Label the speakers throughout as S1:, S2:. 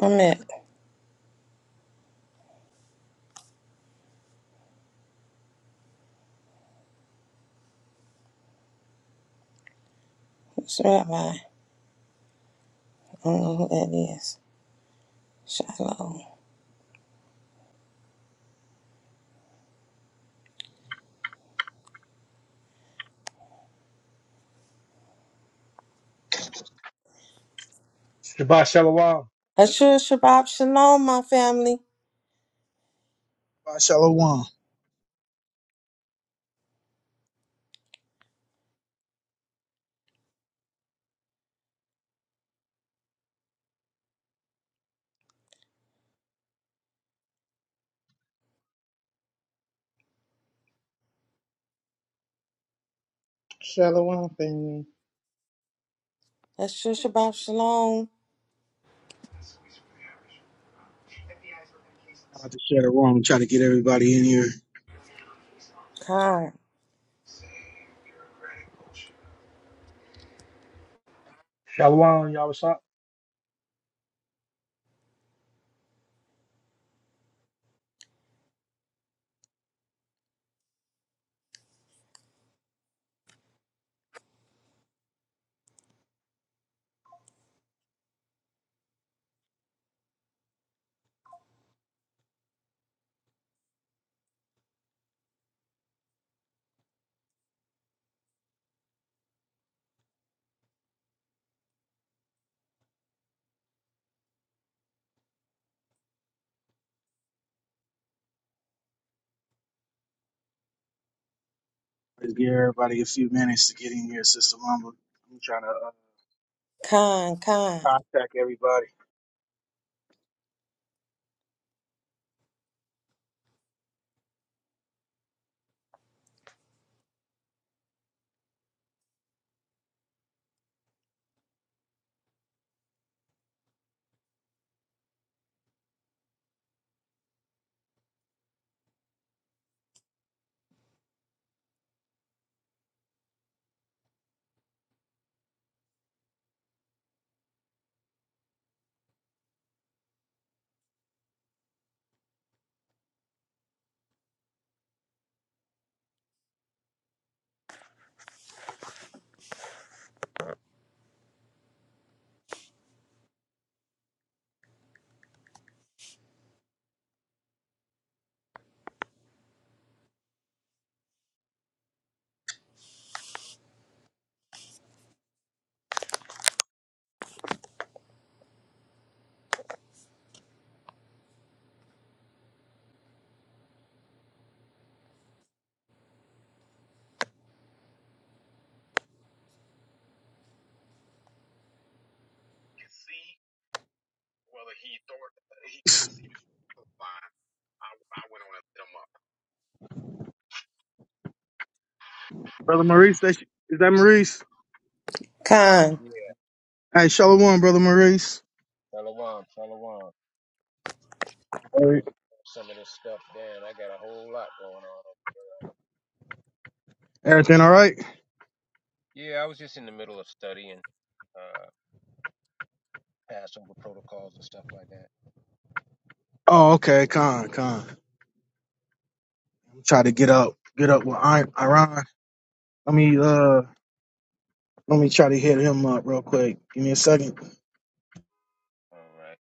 S1: I'm at it's rabbi. I don't know who that is. Shalom.
S2: Shabbat Shalom.
S1: Ashur Shabbat Shalom, my family.
S3: Shabbat Shalom.
S4: Shalom, family.
S1: Ashur Shabbat Shalom.
S5: F B I's working
S3: I'm
S5: cases.
S3: about to share the room, try to get everybody in here.
S1: Khan,
S5: Save bureaucratic bullshit.
S2: Shalom, y'all. What's up?
S3: Let's give everybody a few minutes to get in here, Sister Mamba. I'm trying to uh,
S1: Khan, Khan,
S3: contact everybody.
S6: could see, whether he thought he couldn't see the line. I, I went on and lit him up.
S3: Brother Maurice, that, is that Maurice?
S1: Khan.
S6: Yeah,
S3: Hey, Shalom, Brother Maurice.
S6: Shalom, Shalom.
S3: All
S6: Man,
S3: right.
S6: we Some of this stuff down. I got a whole lot going on.
S3: Everything all right?
S6: Yeah, I was just in the middle of studying uh Passover protocols and stuff like that.
S3: Oh, okay, con, con. I'm trying to get up, get up with I- Iran. Let me, uh, let me try to hit him up real quick. Give me a second.
S6: All right.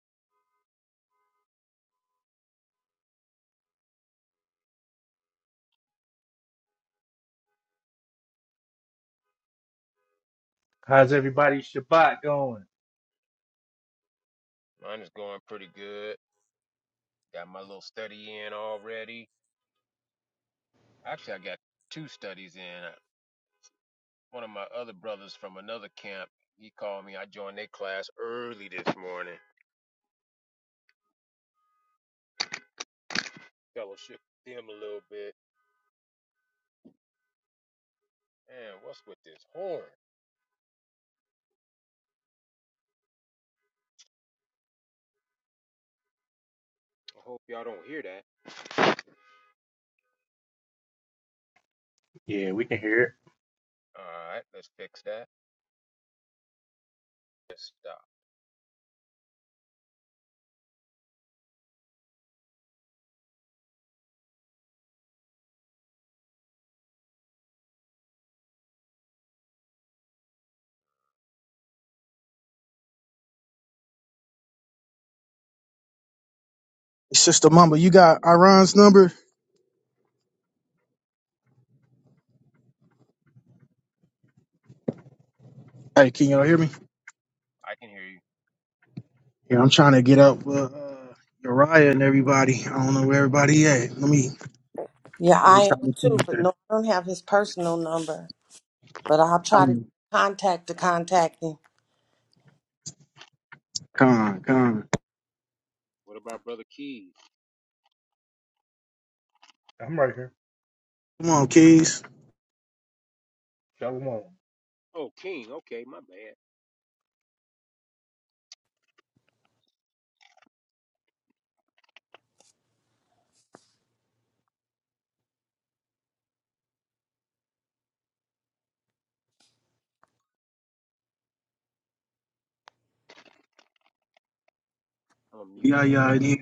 S2: How's everybody's Shabbat going?
S6: Mine is going pretty good. Got my little study in already. Actually, I got two studies in. One of my other brothers from another camp, he called me. I joined their class early this morning. Fellowship with them a little bit. Man, what's with this horn? I hope y'all don't hear that.
S2: Yeah, we can hear it.
S6: All right, let's fix that. Let's stop.
S3: Sister Mamba, you got Iran's number? Hey, can y'all hear me?
S6: I can hear you.
S3: Yeah, I'm trying to get up with uh, Uriah and everybody. I don't know where everybody at. Let me
S1: Yeah,
S3: let me
S1: I
S3: try
S1: am
S3: to
S1: too,
S3: think
S1: but
S3: that.
S1: no, I don't have his personal number. But I'll try to
S3: Come
S1: contact to contact him.
S3: on, come on.
S6: What about Brother Keys?
S2: I'm right here.
S3: Come on, keys.
S2: Shalom.
S6: Oh, King. Okay, my bad. I'm gonna mute
S3: Yeah,
S6: up for
S3: yeah,
S6: a
S3: yeah.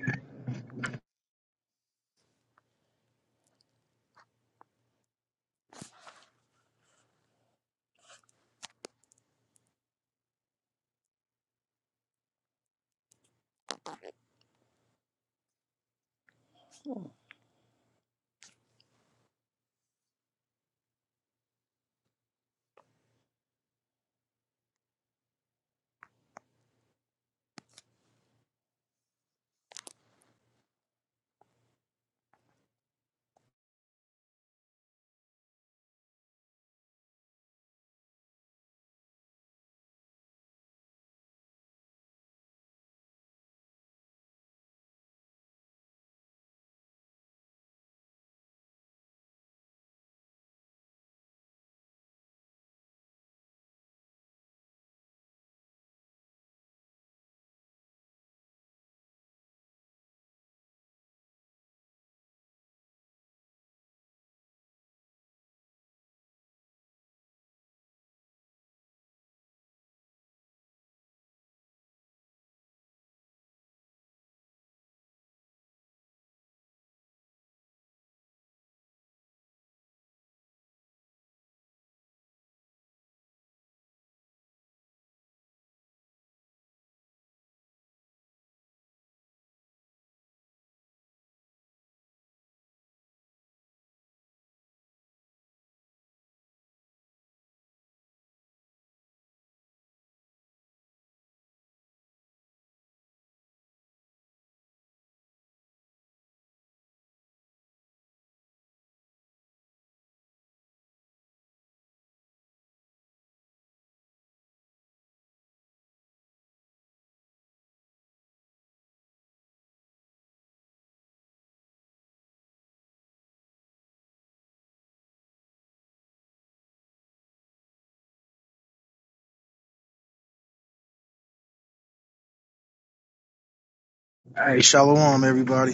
S3: Hey, shalom, everybody.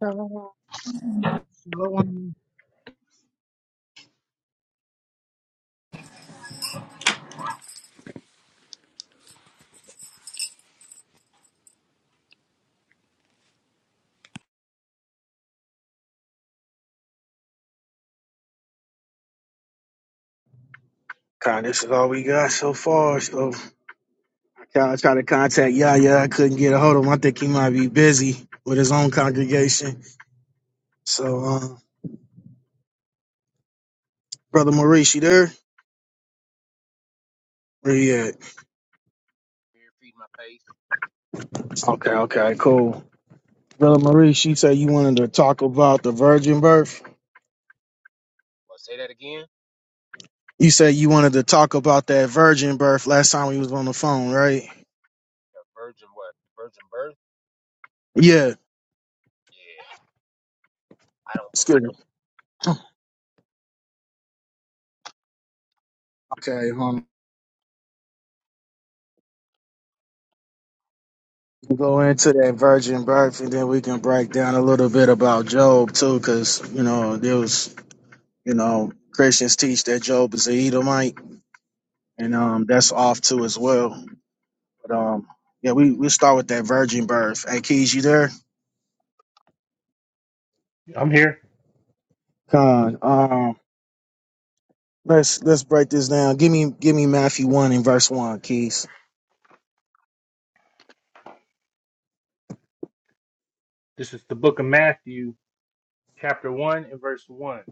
S7: Shalom,
S4: Shalom.
S3: God, this is all we got so far. So I tried to contact Yaya. I couldn't get a hold of him. I think he might be busy with his own congregation. So, uh, brother Maurice, you there? Where you at?
S6: minute. Feed my face.
S3: Okay, okay, cool. Brother Maurice, she said you wanted to talk about the virgin birth.
S6: Well, say that again.
S3: You said you wanted to talk about that virgin birth last time we was on the phone, right?
S6: The virgin what? The virgin birth?
S3: Yeah,
S6: Yeah, I don't
S3: it's
S6: believe.
S3: good. Okay, um, we'll go into that virgin birth, and then we can break down a little bit about Job too, because you know there was, you know, Christians teach that Job is a Edomite, and um, that's off too as well. But um, yeah, we we start with that virgin birth. Hey, Keys, you there?
S2: I'm here.
S3: Con, um, let's let's break this down. Give me give me Matthew one and verse one, Keys.
S2: This is the book of Matthew, chapter 1 and verse 1.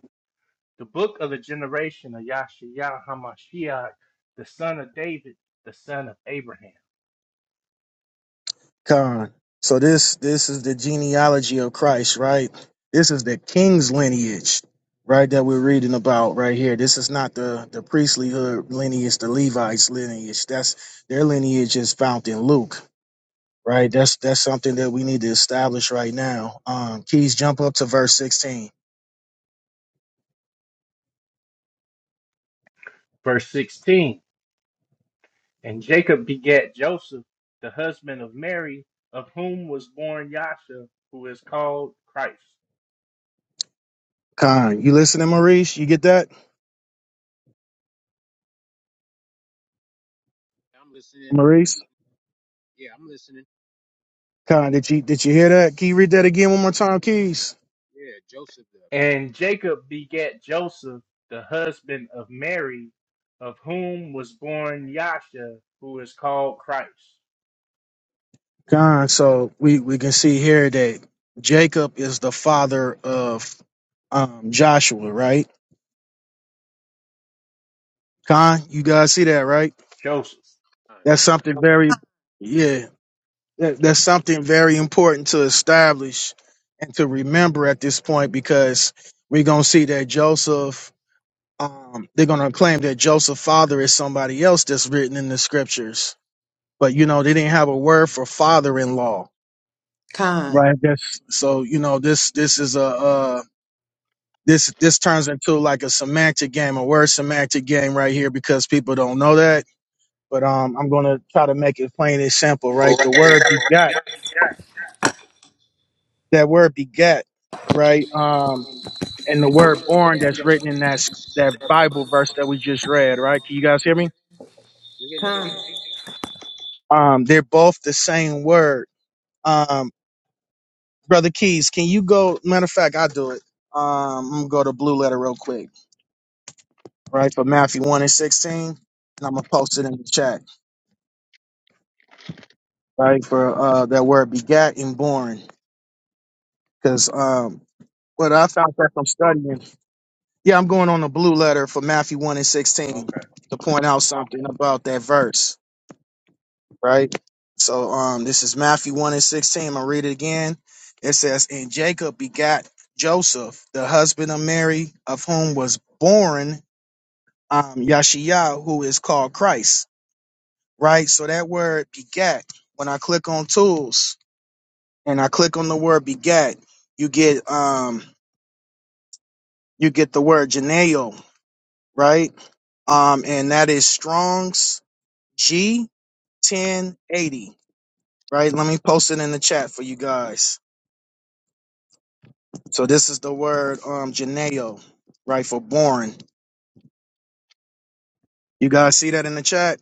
S2: The book of the generation of Yahshua HaMashiach, the son of David, the son of Abraham.
S3: Con. So this this is the genealogy of Christ, right? This is the king's lineage, right? That we're reading about right here. This is not the the priestlyhood lineage, the Levites lineage. That's their lineage is found in Luke, right? That's that's something that we need to establish right now. Um, Keys, jump up to verse sixteen.
S2: Verse 16. And Jacob begat Joseph, the husband of Mary, of whom was born Yasha, who is called Christ.
S3: Con, you listening, Maurice? You get that,
S6: it. I'm listening, but I'm
S3: Maurice?
S6: eating. Yeah, I'm listening.
S3: Con, did you did you hear that? Can you read that again one more time, Keys?
S6: Yeah, Joseph the
S2: And
S6: uh,
S2: Jacob begat Joseph, the husband of Mary, of whom was born Yasha, who is called Christ.
S3: Con so we, we can see here that Jacob is the father of um, Joshua, right? Con, you guys see that, right?
S2: Joseph.
S6: uh
S3: That's
S6: God.
S3: something very, yeah, that, that's something very important to establish and to remember at this point because we're going to see that Joseph, um, they're going to claim that Joseph's father is somebody else that's written in the scriptures. But, you know, they didn't have a word for father in law.
S1: Khan.
S3: Right. That's so, you know, this, this is a, uh this this turns into like a semantic game, a word semantic game right here because people don't know that. But um, I'm gonna try to make it plain and simple, right?
S8: Con,
S3: The word begat, that word begat, right? Um, and the word born that's written in that s- that Bible verse that we just read, right? Can you guys hear me?
S6: We're getting the feast.
S3: Um, they're both the same word. Um, brother Keys, can you go? Matter of fact, I'll do it. Um, I'm gonna go to blue letter real quick, right? For Matthew one and sixteen, and I'm gonna post it in the chat. right? For uh, that word begat and born. Because um, what I found out from studying, yeah, I'm going on a blue letter for Matthew 1 and 16
S2: Okay.
S3: to point out something about that verse, right? So um, this is Matthew 1 and 16. I'm going to read it again. It says, And Jacob begat Joseph, the husband of Mary, of whom was born um, Yashiah, who is called Christ, right? So that word begat, when I click on tools, and I click on the word begat, you get um you get the word geneo, right? Um and that is Strong's G ten eighty, right? Let me post it in the chat for you guys. So this is the word um geneo, right, for born. You guys see that in the chat?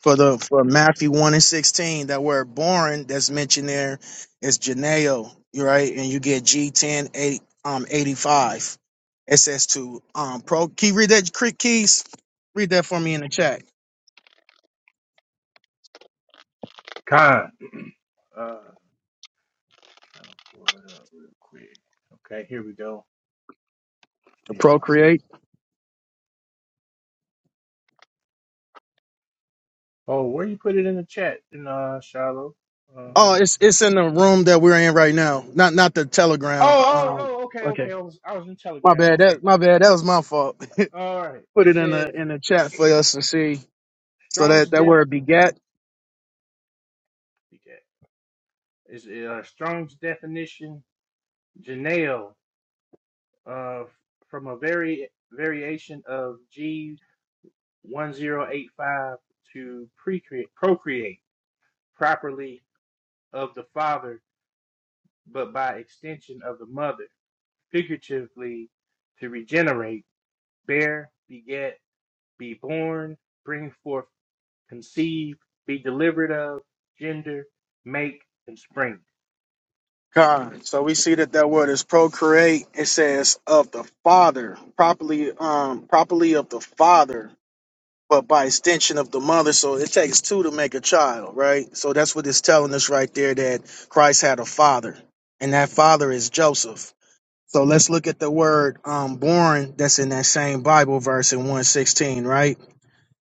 S3: for the for Matthew one and sixteen, that word born that's mentioned there is geneo, you're right, and you get G ten eight um eighty five. It says to um pro. Can you read that, Cre- Keys? Read that for me in the chat.
S2: Con. Uh, trying to pull it up real quick. Okay, here we go.
S3: To
S2: Here you are.
S3: procreate.
S2: Oh, where you put it in the chat, in uh, Shiloh?
S3: Oh,
S2: Um,
S3: it's it's in the room that we're in right now. Not not the
S2: oh,
S3: telegram.
S2: oh,
S3: Um,
S2: oh, okay,
S3: okay,
S2: okay. I was, I was in
S3: my
S2: Telegram.
S3: bad.
S2: Okay.
S3: That my bad. That was my fault.
S2: All right.
S3: Put
S2: It
S3: it in the
S2: says
S3: in the chat for us to see. So
S2: Strong's
S3: that that
S2: Def.
S3: word begat
S2: Is uh, Strong's definition, Janelle. uh, from a very variation of G1085 to precreate, procreate properly of the father, but by extension of the mother, figuratively to regenerate, bear, beget, be born, bring forth, conceive, be delivered of, gender, make, and spring.
S3: God. So we see that that word is procreate. It says of the father, properly, um, properly of the father, but by extension of the mother. So it takes two to make a child, right? So that's what it's telling us right there that Christ had a father, and that father is Joseph. So let's look at the word um, born that's in that same Bible verse in 116, right?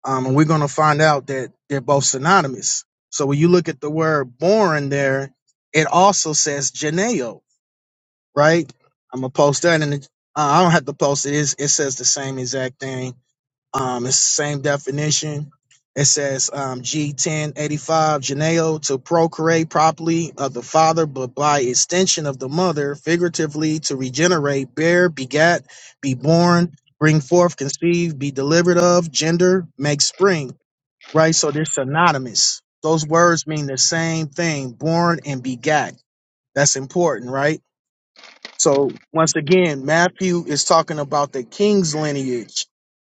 S3: Um, and we're going to find out that they're both synonymous. So when you look at the word born there, it also says geneo right? I'm gonna post that, and uh, I don't have to post it. It's, it says the same exact thing. Um, it's the same definition. It says um, G1085 Geneo to procreate properly of the father, but by extension of the mother, figuratively to regenerate, bear, begat, be born, bring forth, conceive, be delivered of, gender, make spring. Right, so they're synonymous. Those words mean the same thing: born and begat. That's important, right? So once again, Matthew is talking about the king's lineage,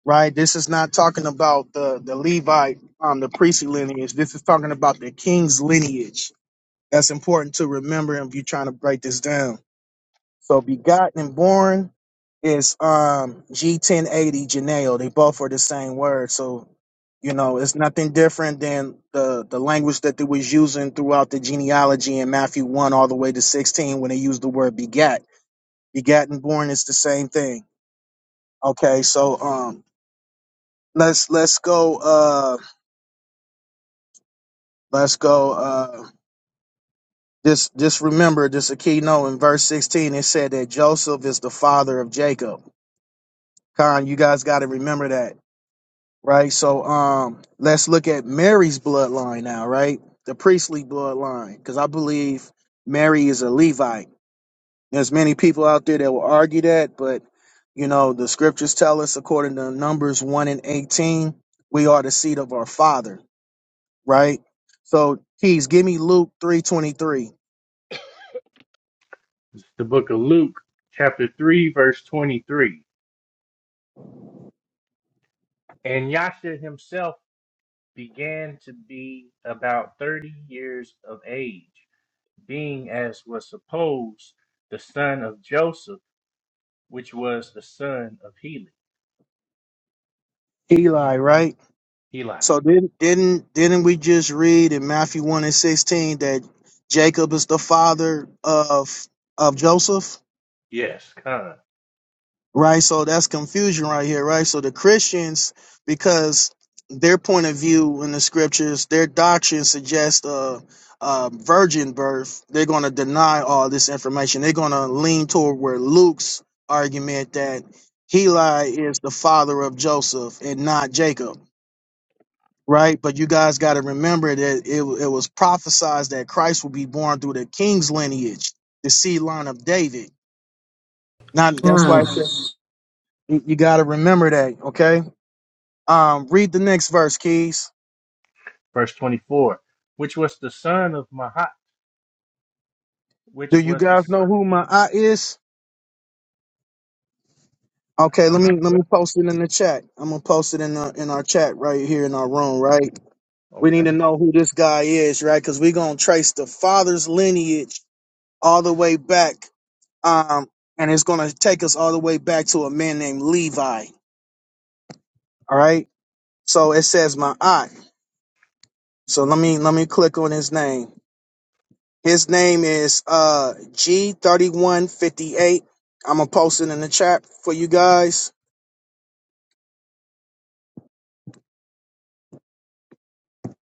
S3: right? This is not talking about the the Levite, um, the priestly lineage. This is talking about the king's lineage. That's important to remember if you're trying to break this down. So begotten and born is um G1080 Janeo. They both are the same word. So you know it's nothing different than the the language that they was using throughout the genealogy in Matthew one all the way to sixteen when they used the word begat begotten born is the same thing okay so um let's let's go uh let's go uh just just remember this Aquino in verse 16 it said that joseph is the father of jacob con you guys got to remember that right so um let's look at mary's bloodline now right the priestly bloodline because i believe mary is a levite There's many people out there that will argue that, but you know, the scriptures tell us according to Numbers 1 and 18, we are the seed of our father, right? So please give me Luke 323.
S2: The book of Luke, chapter 3, verse 23. And Yasha himself began to be about thirty years of age, being as was supposed the son of Joseph, which was the son of Heli,
S3: Eli, right?
S2: Heli,
S3: So didn't didn't didn't we just read in Matthew 1 and 16 that Jacob is the father of of Joseph?
S2: yes, Con,
S3: right? So that's confusion right here, right? So the Christians, because their point of view in the scriptures, their doctrine suggests a, a virgin birth. They're going to deny all this information. They're going to lean toward where Luke's argument that Heli is the father of Joseph and not Jacob. Right, but you guys got to remember that it, it was prophesied that Christ will be born through the king's lineage, the seed line of David. Not that's why I
S8: con,
S3: said. You you gotta remember that, okay? Um, read the next verse, Keys.
S2: verse twenty-four, which was the son of Mahat,
S3: Do
S2: which
S3: you
S2: was the
S3: guys
S2: s-
S3: know who my I is? Okay,
S2: I
S3: let
S2: don't know,
S6: I've
S3: me let me
S6: heard.
S3: post it in the chat. I'm gonna post it in the in our chat right here in our room, right? We need to
S2: okay,
S3: know who this guy is, right? Because we're gonna trace the father's lineage all the way back. Um, and it's gonna take us all the way back to a man named Levi. All right. So it says my I. So let me let me click on his name. His name is uh G3158. I'm gonna post it in the chat for you guys.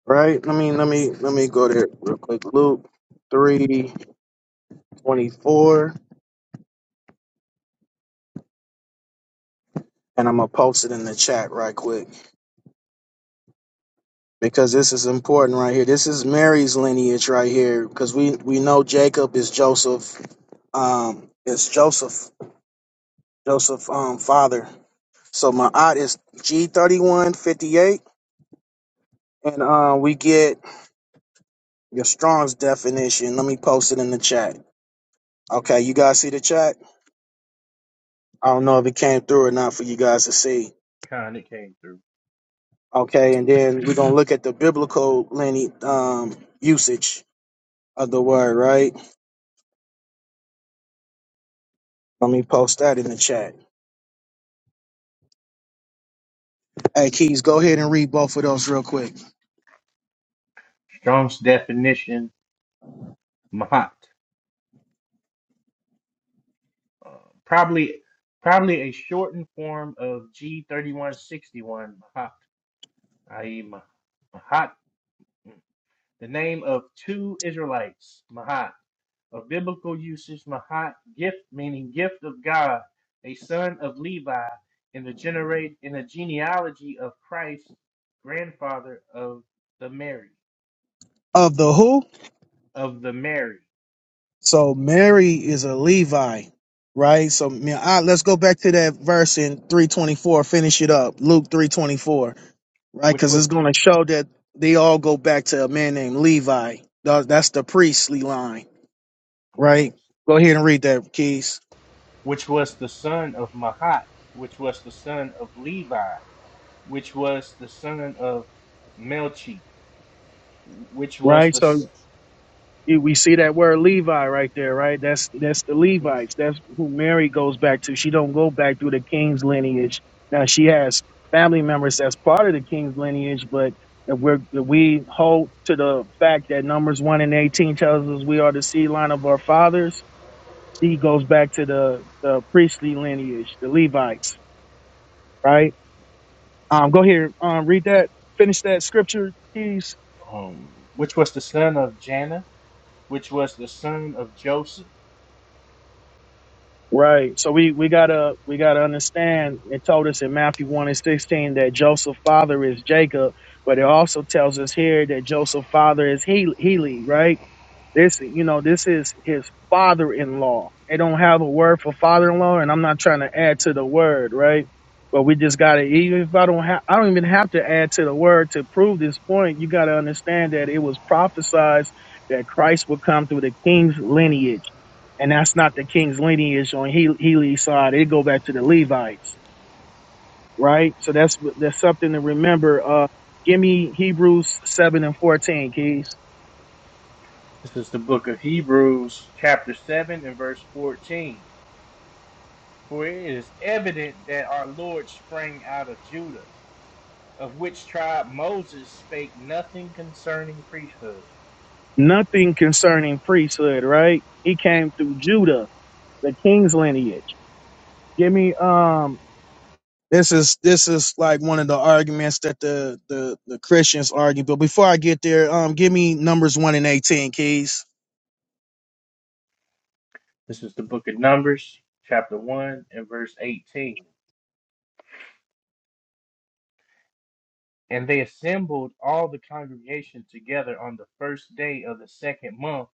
S3: Right? Let me let me let me go there real quick. Luke 324. And I'm gonna post it in the chat right quick. Because this is important right here. This is Mary's lineage right here. Because we we know Jacob is Joseph. Um is Joseph Joseph um father. So my aunt is G3158. And uh, we get Your Strong's definition. Let me post it in the chat. Okay, you guys see the chat? I don't know if it came through or not for you guys to see.
S2: Con, it came through.
S3: Okay, and then we're gonna look at the biblical lineage um, usage of the word. Right? Let me post that in the chat. Hey, Keys, go ahead and read both of those real quick.
S2: Strong's definition, Mahat, uh, probably probably a shortened form of G thirty-one sixty-one Mahat, i.e. Mahat. The name of two Israelites, Mahat, of biblical usage, Mahat, gift meaning gift of God, a son of Levi, in the generate in the genealogy of Christ, grandfather of the Mary,
S3: Of the who?
S2: of the Mary,
S3: So Mary is a Levi, right? So man, all right, let's go back to that verse in 324. Finish it up. Luke 324. right?
S2: which
S3: Because it's
S2: was
S3: going to show that they all go back to a man named Levi. Tha- That's the priestly line,
S2: okay,
S3: right? Go ahead and read that, Keys.
S2: which was the son of Mahat, which was the son of Levi, which was the son of Melchi, which was
S3: Right.
S2: the
S3: So
S2: s-
S3: you- we see that word Levi right there, right? That's that's the
S2: mhm,
S3: Levites. That's who Mary goes back to. She don't go back through the king's lineage. Now she has family members that's part of the king's lineage, but if we're, if we hold to the fact that Numbers one and eighteen tells us we are the seed line of our fathers She goes back to the, the priestly lineage, the Levites, right? Um, go here, um, read that, finish that scripture, please.
S2: um, which was the son of Janna which was the son of Joseph.
S3: Right. So we, we gotta we gotta understand it told us in Matthew one and sixteen that Joseph's father is Jacob, but it also tells us here that Joseph's father is he Heli, right? This, you know, this is his father-in-law. They don't have a word for father-in-law, and I'm not trying to add to the word, right? But we just gotta. Even if I don't have, I don't even have to add to the word to prove this point. You gotta understand that it was prophesied that Christ would come through the king's lineage, and that's not the king's lineage on He Heli's side. It go back to the Levites, right? So that's that's something to remember. Uh, give me Hebrews seven and fourteen, Keys.
S2: This is the book of Hebrews, chapter 7, and verse 14. For it is evident that our Lord sprang out of Judah, of which tribe Moses spake nothing concerning priesthood.
S3: Nothing concerning priesthood, right? He came through Judah, the king's lineage. Give me um this is this is like one of the arguments that the the, the Christians argue. But before I get there, um give me numbers one and eighteen, keys.
S2: This is the book of Numbers, chapter 1, and verse 18. And they assembled all the congregation together on the first day of the second month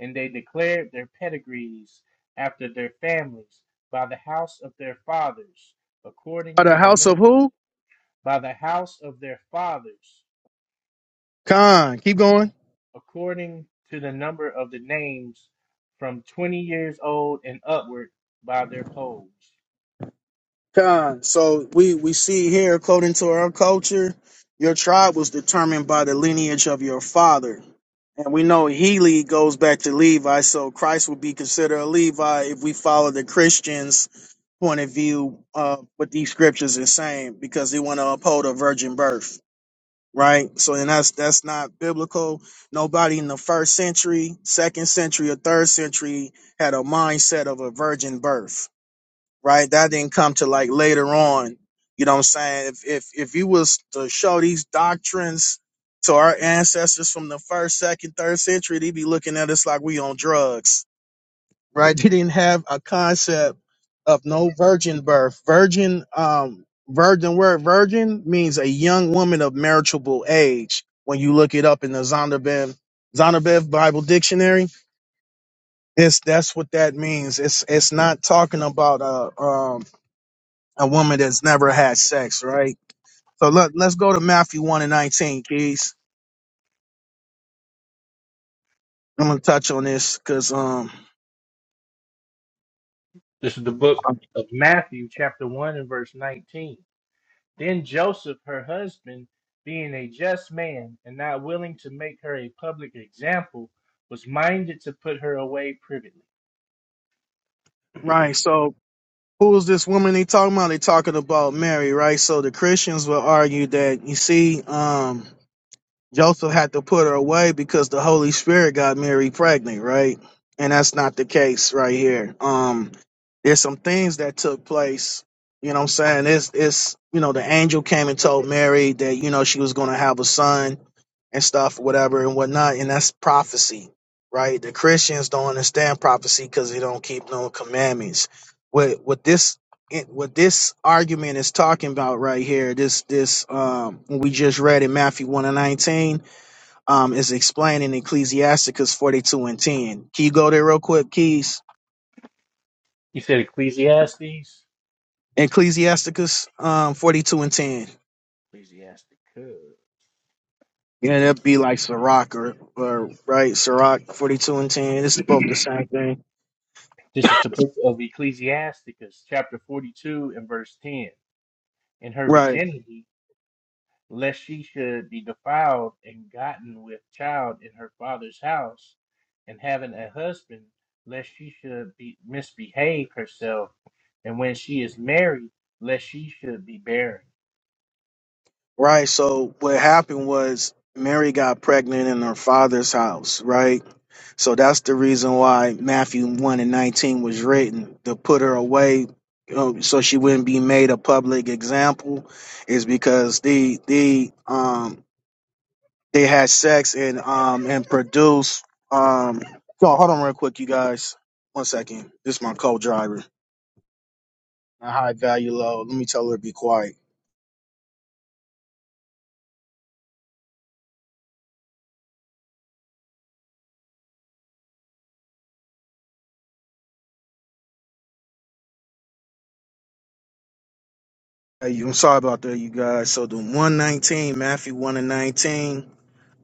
S2: And they declared their pedigrees after their families by the house of their fathers,
S3: Of
S2: according
S3: the
S2: to the
S3: house of
S2: num-
S3: who?
S2: by the house of their fathers,
S3: Khan. Keep going.
S2: according to the number of the names from twenty years old and upward by their polls.
S3: Khan. So we we see here, according to our culture, your tribe was determined by the lineage of your father. And we know Healy goes back to Levi, so Christ would be considered a Levi if we follow the Christians' point of view of what these scriptures are saying, because they want to uphold a virgin birth, right? So, and that's that's not biblical. Nobody in the first century, second century, or third century had a mindset of a virgin birth right? That didn't come to like later on. You know what I'm saying? If if if you was to show these doctrines to our ancestors from the first, second, third century, they'd be looking at us like we on drugs, right? They didn't have a concept of no virgin birth. Virgin, um, virgin word virgin means a young woman of marriageable age. When you look it up in the Zondervan Zondervan Bible Dictionary, it's that's what that means. It's it's not talking about a um a woman that's never had sex, right? So let, let's go to Matthew 1 and 19, keys. I'm going to touch on this because, um,
S2: This is the book of Matthew, chapter 1, and verse 19. Then Joseph, her husband, being a just man and not willing to make her a public example, was minded to put her away privately.
S3: right. So who is this woman they talking about? They talking about Mary, right? So the Christians will argue that, you see, um, Joseph had to put her away because the Holy Spirit got Mary pregnant, right? And that's not the case right here. Um, there's some things that took place. You know what I'm saying? It's it's you know, the angel came and told Mary that, you know, she was gonna have a son and stuff, whatever and whatnot, and that's prophecy, right? The Christians don't understand prophecy because they don't keep no commandments. With with this it, what this argument is talking about right here, this this um what we just read in Matthew one and nineteen, um, is explaining Ecclesiasticus forty two and ten. Can you go there real quick, Keys?
S2: You said Ecclesiastes?
S3: Ecclesiasticus um forty two and ten.
S2: Ecclesiasticus.
S3: Yeah, that'd be like Sirach or, or right, Sirach forty two and ten. It's both the same thing.
S2: This is the book of Ecclesiasticus, chapter 42 and verse 10. In her
S3: Right.
S2: virginity, lest she should be defiled and gotten with child in her father's house, and having a husband, lest she should be misbehave herself, and when she is married, lest she should be barren.
S3: Right. So what happened was Mary got pregnant in her father's house, right? So that's the reason why Matthew 1 and 19 was written to put her away uh, so she wouldn't be made a public example is because the the um they had sex and um and produced um so hold on real quick you guys one second this is my co-driver a high value low let me tell her to be quiet hey, I'm sorry about that you guys so the 119 Matthew 1 and 19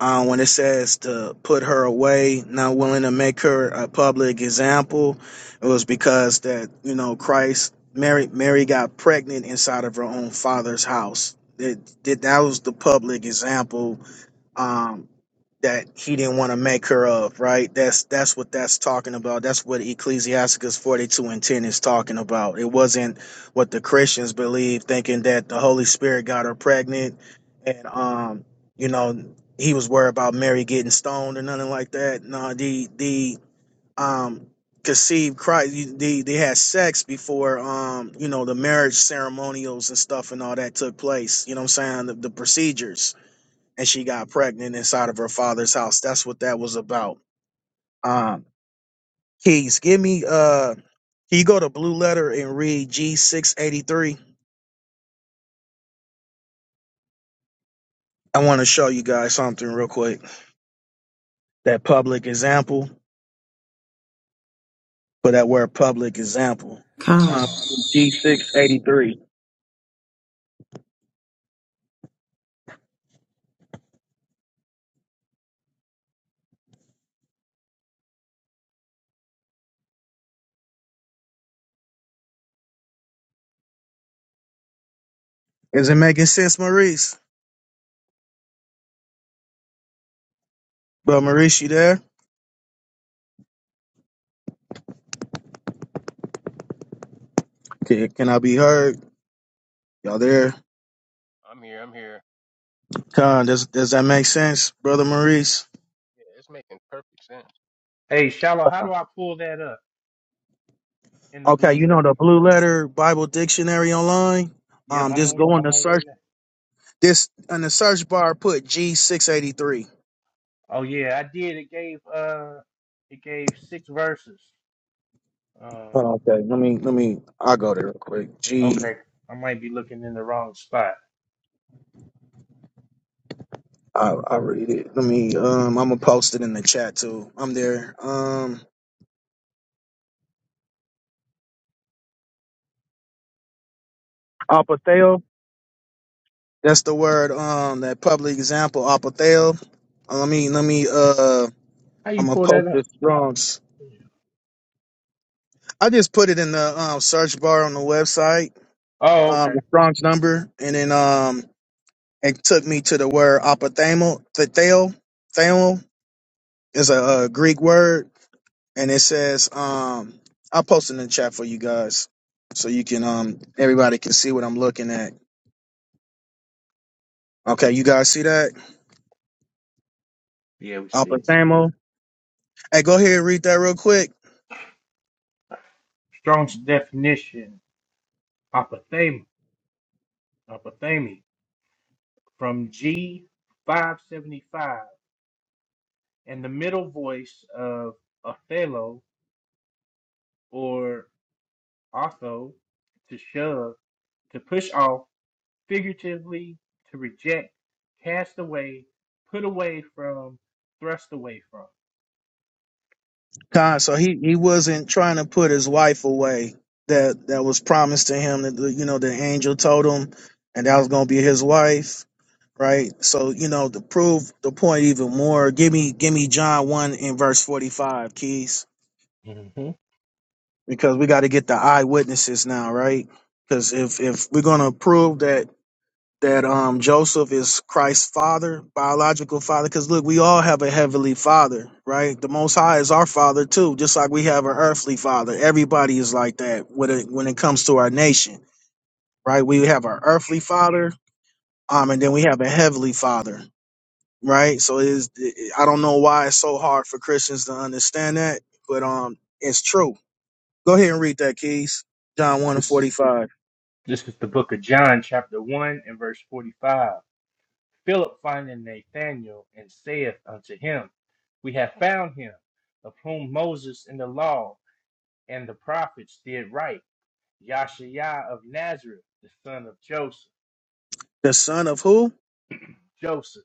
S3: uh, when it says to put her away, not willing to make her a public example, it was because that you know Christ, Mary, Mary got pregnant inside of her own father's house. It, that that was the public example um, that he didn't want to make her of, right? That's that's what that's talking about. That's what Ecclesiastes 42 and 10 is talking about. It wasn't what the Christians believe, thinking that the Holy Spirit got her pregnant and um, you know, he was worried about Mary getting stoned or nothing like that. No, the the um conceived Christ they they had sex before um, you know, the marriage ceremonials and stuff and all that took place. You know what I'm saying? The, the procedures and she got pregnant inside of her father's house. That's what that was about. Um, Keys, give me uh, can you go to Blue Letter and read G six eighty three? I want to show you guys something real quick. That public example for that word public example.
S8: con,
S3: Um, G six eighty three. Is it making sense, Maurice? But Maurice, you there? Can, can I be heard? Y'all there?
S6: I'm here. I'm here.
S3: Con, does does that make sense, brother Maurice?
S6: Yeah, it's making perfect sense.
S2: Hey, Shallow, how do I pull that up in the
S3: Okay,
S2: blue
S3: you
S2: letter?
S3: know the blue letter Bible dictionary online.
S2: Yep,
S3: Um,
S2: I'm
S3: just
S2: on.
S3: go on the
S2: I'm on
S3: search
S2: it
S3: this in the search bar. Put G six eighty three.
S2: Oh yeah, I did. It gave uh it gave six verses. Um
S3: Oh, okay, let me let me. I'll go there real quick. G.
S2: okay. I might be looking in the wrong spot.
S3: I I read it. Let me. Um, I'm gonna post it in the chat too. I'm there. Um, Apatheo. That's the word. Um, that public example, apotheo. Uh, Let me let me uh,
S2: How
S3: I'm
S2: you
S3: gonna
S2: pull
S3: post
S2: that
S3: the
S2: up?
S3: Strong's. I just put it in the um, search bar on the website,
S2: Oh,
S3: um,
S2: okay.
S3: the Strong's number, and then um, it took me to the word apothemo. The theo, theo is a, a Greek word, and it says um, I'll post it in the chat for you guys, so you can um, everybody can see what I'm looking at. Okay, you guys see that
S2: Yeah, we see it.
S3: apothemo? Hey, go ahead and read that real quick.
S2: Strong's definition, apothema, apothemy, from G five seventy five, and the middle voice of Othello or Otho to shove, to push off. figuratively to reject, cast away, put away from, thrust away from.
S3: God, so he, he wasn't trying to put his wife away that that was promised to him that the- you know the angel told him and that was gonna be his wife, right? So you know to prove the point even more, give me give me John one in verse forty five, Keys,
S2: hmm
S3: because we got to get the eyewitnesses now, right? Because if if we're gonna prove that that um Joseph is Christ's father, biological father. Because look, we all have a heavenly father, right? The Most High is our father too, just like we have an earthly father. Everybody is like that when it when it comes to our nation, right? We have our earthly father, um, and then we have a heavenly father, right? So it is it- I don't know why it's so hard for Christians to understand that, but um, it's true. Go ahead and read that, Keys. John one and forty
S2: This,
S3: five.
S2: this is the book of John, chapter 1, and verse 45. Philip finding Nathanael and saith unto him, We have found him, of whom Moses in the law and the prophets did write, Yahshua of Nazareth, the son of Joseph.
S3: The son of who?
S2: Joseph.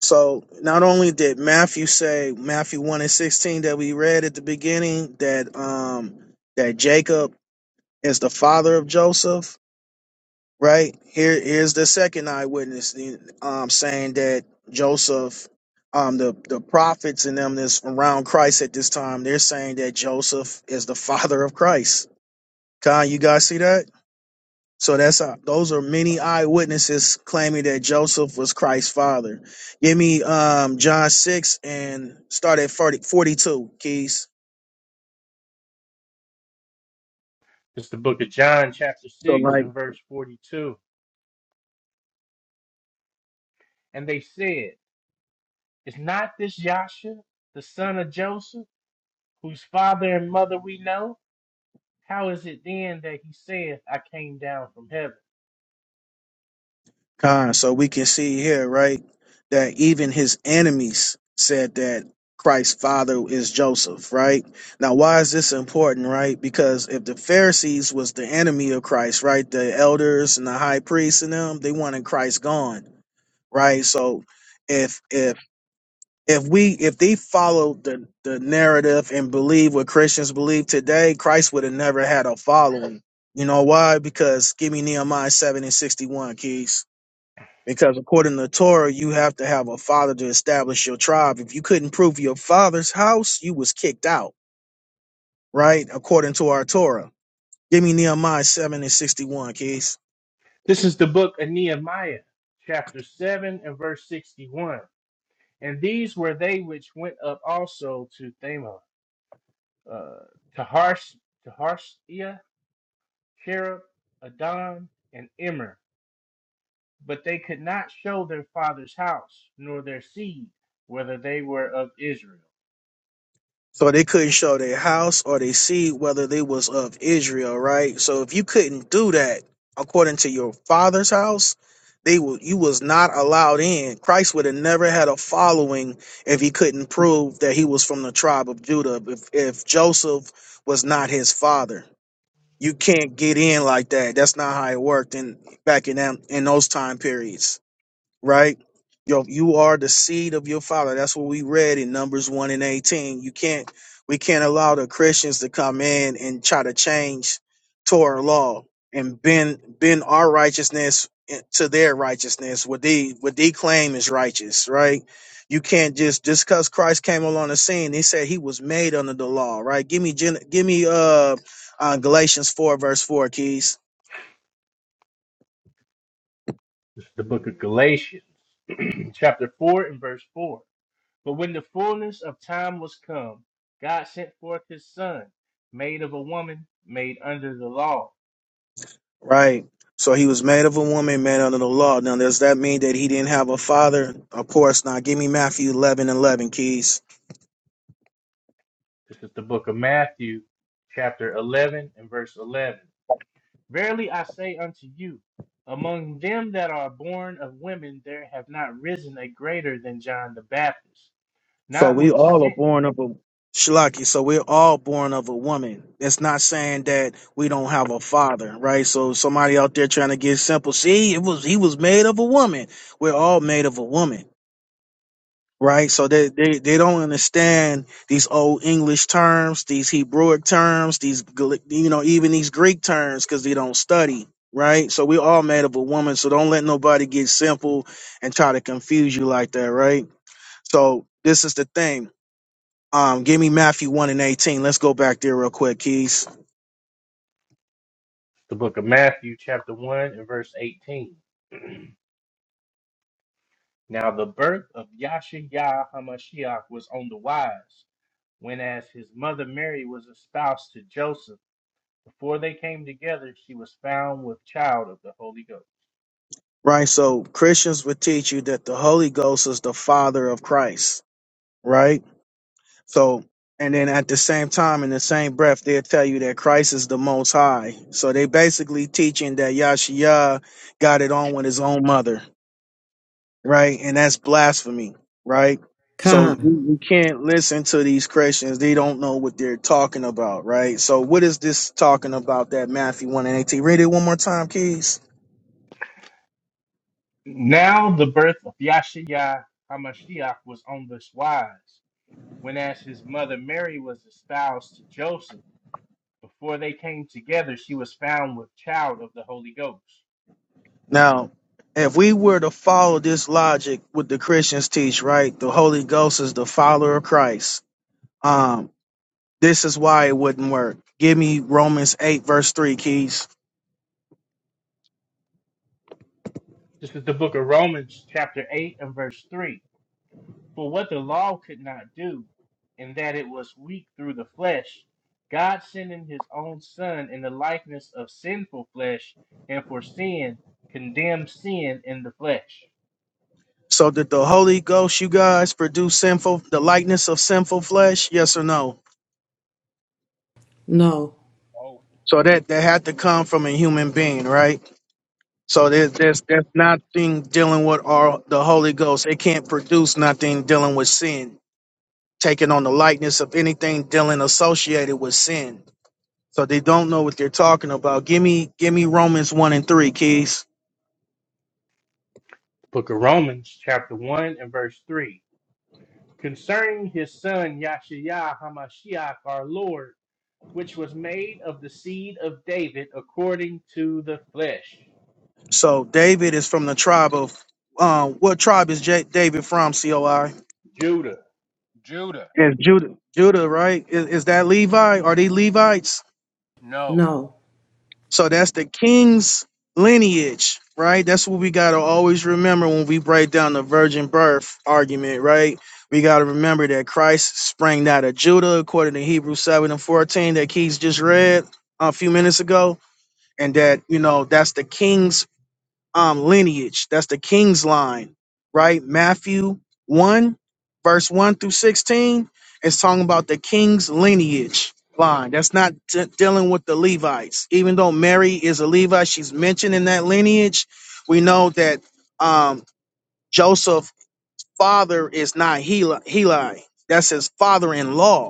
S3: So not only did Matthew say Matthew one and sixteen that we read at the beginning that um that Jacob is the father of Joseph, right? here's the second eyewitness um saying that Joseph um the, the prophets and them that's around Christ at this time, they're saying that Joseph is the father of Christ. Con, you guys see that? So that's uh, those are many eyewitnesses claiming that Joseph was Christ's father. Give me um John six and start at 40 42 keys.
S2: This is the book of John, chapter
S3: So
S2: 6,
S3: like
S2: and verse 42. And they said, Is not this Yasha, the son of Joseph, whose father and mother we know? How is it then that he saith, I came down from heaven?
S3: uh, so we can see here, right, that even his enemies said that Christ's father is Joseph, right? Now why is this important, right? Because if the Pharisees was the enemy of Christ, right? The elders and the high priests and them, they wanted Christ gone, right? So if if if we if they followed the the narrative and believe what Christians believe today, Christ would have never had a following. You know why? Because give me Nehemiah seven and sixty one, keys. Because according to Torah, you have to have a father to establish your tribe. If you couldn't prove your father's house, you was kicked out, right? According to our Torah. Give me Nehemiah seven and sixty one, keys.
S2: This is the book of Nehemiah, chapter 7 and verse 61. And these were they which went up also to Thema, uh, to Harsh, to Harshia, Cherub, Adon, and Immer. But they could not show their father's house, nor their seed, whether they were of Israel.
S3: So they couldn't show their house or their seed whether they was of Israel, right? So if you couldn't do that according to your father's house, they will you was not allowed in. Christ would have never had a following if he couldn't prove that he was from the tribe of Judah. If if Joseph was not his father, you can't get in like that. That's not how it worked in back in them in those time periods right? Yo, you are the seed of your father. That's what we read in Numbers 1 and 18. You can't, we can't allow the Christians to come in and try to change Torah law and bend, bend our righteousness to their righteousness, what they, what they claim is righteous, right? You can't just, just cause Christ came along the scene, he said he was made under the law, right? Give me, Gen- give me, uh, uh, Galatians 4 verse 4, Keys.
S2: This is the book of Galatians, chapter 4 and verse 4. But when the fullness of time was come, God sent forth his son, made of a woman, made under the law.
S3: Right. So he was made of a woman, man under the law. Now, does that mean that he didn't have a father? Of course not. Give me Matthew 11 and 11, Keys.
S2: This is the book of Matthew, chapter 11 and verse 11. Verily I say unto you, among them that are born of women, there have not risen a greater than John the Baptist.
S3: So we all are
S2: Notwithstanding,
S3: born of a Shalaki. So we're all born of a woman. It's not saying that we don't have a father, right? So somebody out there trying to get simple. See, it was he was made of a woman. We're all made of a woman. right? So they, they, they don't understand these old English terms, these Hebrewic terms, these Gal- you know even these Greek terms because they don't study, right? So we all made up of woman, so don't let nobody get simple and try to confuse you like that, right? So this is the thing. Um, give me Matthew one and eighteen. Let's go back there real quick, Keys.
S2: the book of Matthew, chapter 1 and verse 18. Now the birth of Yahshua HaMashiach was on the wise, when as his mother Mary was espoused to Joseph. Before they came together, she was found with child of the Holy Ghost.
S3: Right, so Christians would teach you that the Holy Ghost is the Father of Christ, right? So, and then at the same time, in the same breath, they'll tell you that Christ is the Most High. So they basically teaching that Yahshua got it on with his own mother, right? And that's blasphemy, right? So we
S8: con.
S3: we can't listen to these Christians. They don't know what they're talking about, right? So what is this talking about that Matthew 1 and 18? Read it one more time, Keys.
S2: Now the birth of Yahshua HaMashiach was on this wise, when as his mother Mary was espoused to Joseph. Before they came together, she was found with child of the Holy Ghost.
S3: Now, if we were to follow this logic, what the Christians teach, right? The Holy Ghost is the follower of Christ. Um, This is why it wouldn't work. Give me Romans 8, verse 3, keys.
S2: This is the book of Romans, chapter 8, and verse 3. For what the law could not do, in that it was weak through the flesh, God sending his own Son in the likeness of sinful flesh, and for sin, condemned sin in the flesh.
S3: So did the Holy Ghost, you guys, produce sinful the likeness of sinful flesh? Yes or no?
S8: No,
S6: Oh,
S3: So that that had to come from a human being, right? So there's there's there's nothing dealing with our the Holy Ghost. It can't produce nothing dealing with sin, taking on the likeness of anything dealing associated with sin. So they don't know what they're talking about. Give me give me Romans one and three, keys.
S2: Book of Romans, chapter 1 and verse 3. Concerning his Son, Yahshua HaMashiach, our Lord, which was made of the seed of David according to the flesh.
S3: So David is from the tribe of um, what tribe is J- David from? Coi
S2: Judah.
S6: Judah.
S3: is Judah. Judah, right? Is, is that Levi? Are they Levites?
S6: No.
S8: no,
S3: So that's the king's lineage, right? That's what we gotta always remember when we break down the virgin birth argument, right? We gotta remember that Christ sprang out of Judah, according to Hebrews seven and fourteen that Keys just read a few minutes ago, and that you know that's the king's um, lineage. That's the king's line, right? Matthew 1, verse 1 through 16, it's talking about the king's lineage line. That's not de- dealing with the Levites. Even though Mary is a Levite, she's mentioned in that lineage. We know that um, Joseph's father is not Heli. Heli. That's his father in law.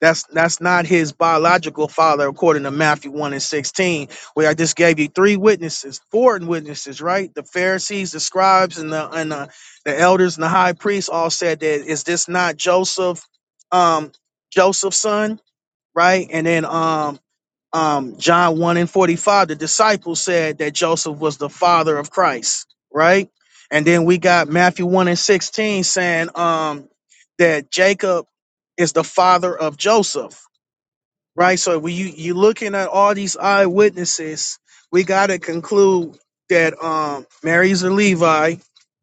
S3: That's that's not his biological father, according to Matthew 1 and 16, where I just gave you three witnesses, foreign witnesses, right? The Pharisees, the scribes, and the and the, the elders and the high priests all said that is this not Joseph, um, Joseph's son, right? And then um um John 1 and 45, the disciples said that Joseph was the father of Christ, right? And then we got Matthew 1 and 16 saying um that Jacob is the father of Joseph right? So when you you looking at all these eyewitnesses, we got to conclude that um Mary's a Levi,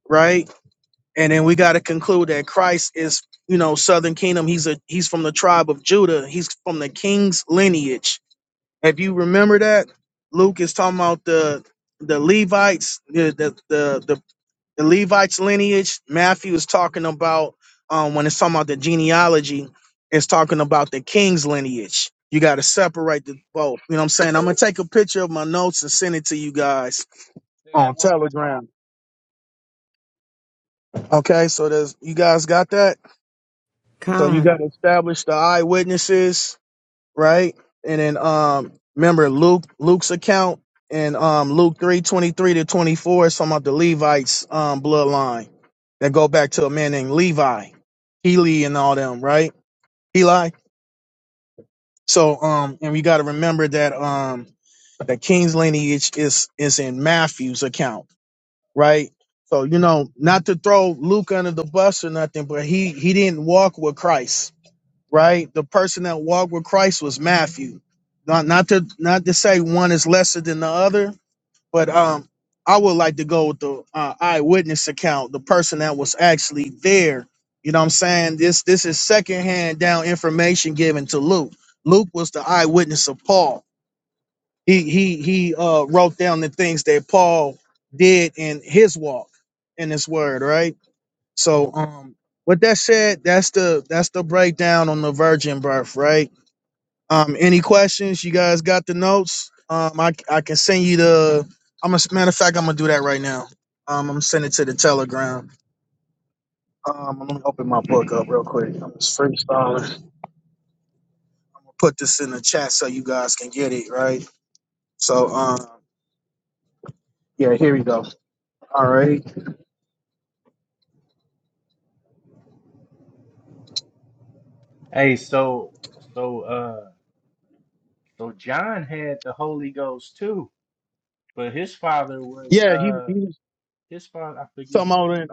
S3: right? And then we got to conclude that Christ is, you know, Southern Kingdom. He's a he's from the tribe of Judah. He's from the king's lineage. If you remember that, Luke is talking about the the Levites, the the the, the the Levites lineage, Matthew is talking about um, when it's talking about the genealogy, it's talking about the king's lineage. You got to separate the both. You know what I'm saying? I'm gonna take a picture of my notes and send it to you guys
S6: Say that
S3: on
S6: one more time.
S3: Telegram. Okay, so there's you guys got that. So you got
S8: con.
S3: to establish the eyewitnesses right? And then um remember Luke Luke's account in um Luke three twenty three to 24 is talking about the Levites um bloodline that go back to a man named Levi, Heli and all them, right? Heli. So um and we gotta remember that um the king's lineage is is in Matthew's account, right? So you know, not to throw Luke under the bus or nothing, but he he didn't walk with Christ right? The person that walked with Christ was Matthew. Not not to not to say one is lesser than the other, but um, I would like to go with the uh, eyewitness account, the person that was actually there. You know what I'm saying? This this is secondhand down information given to Luke. Luke was the eyewitness of Paul. He he he uh, wrote down the things that Paul did in his walk in his word, right? So um with that said, that's the that's the breakdown on the virgin birth, right? Um, any questions? You guys got the notes? Um, I I can send you the. I'm a matter of fact. I'm gonna do that right now. Um, I'm sending it to the Telegram. Um, let me open my book up real quick. I'm just freestyling. I'm gonna put this in the chat so you guys can get it right. So, um, yeah, here we go. All right.
S2: Hey, so, so, uh, so John had the Holy Ghost too But his father was
S3: Yeah, he
S2: uh
S3: he was
S2: his father I forget
S3: talking
S2: his
S3: about it.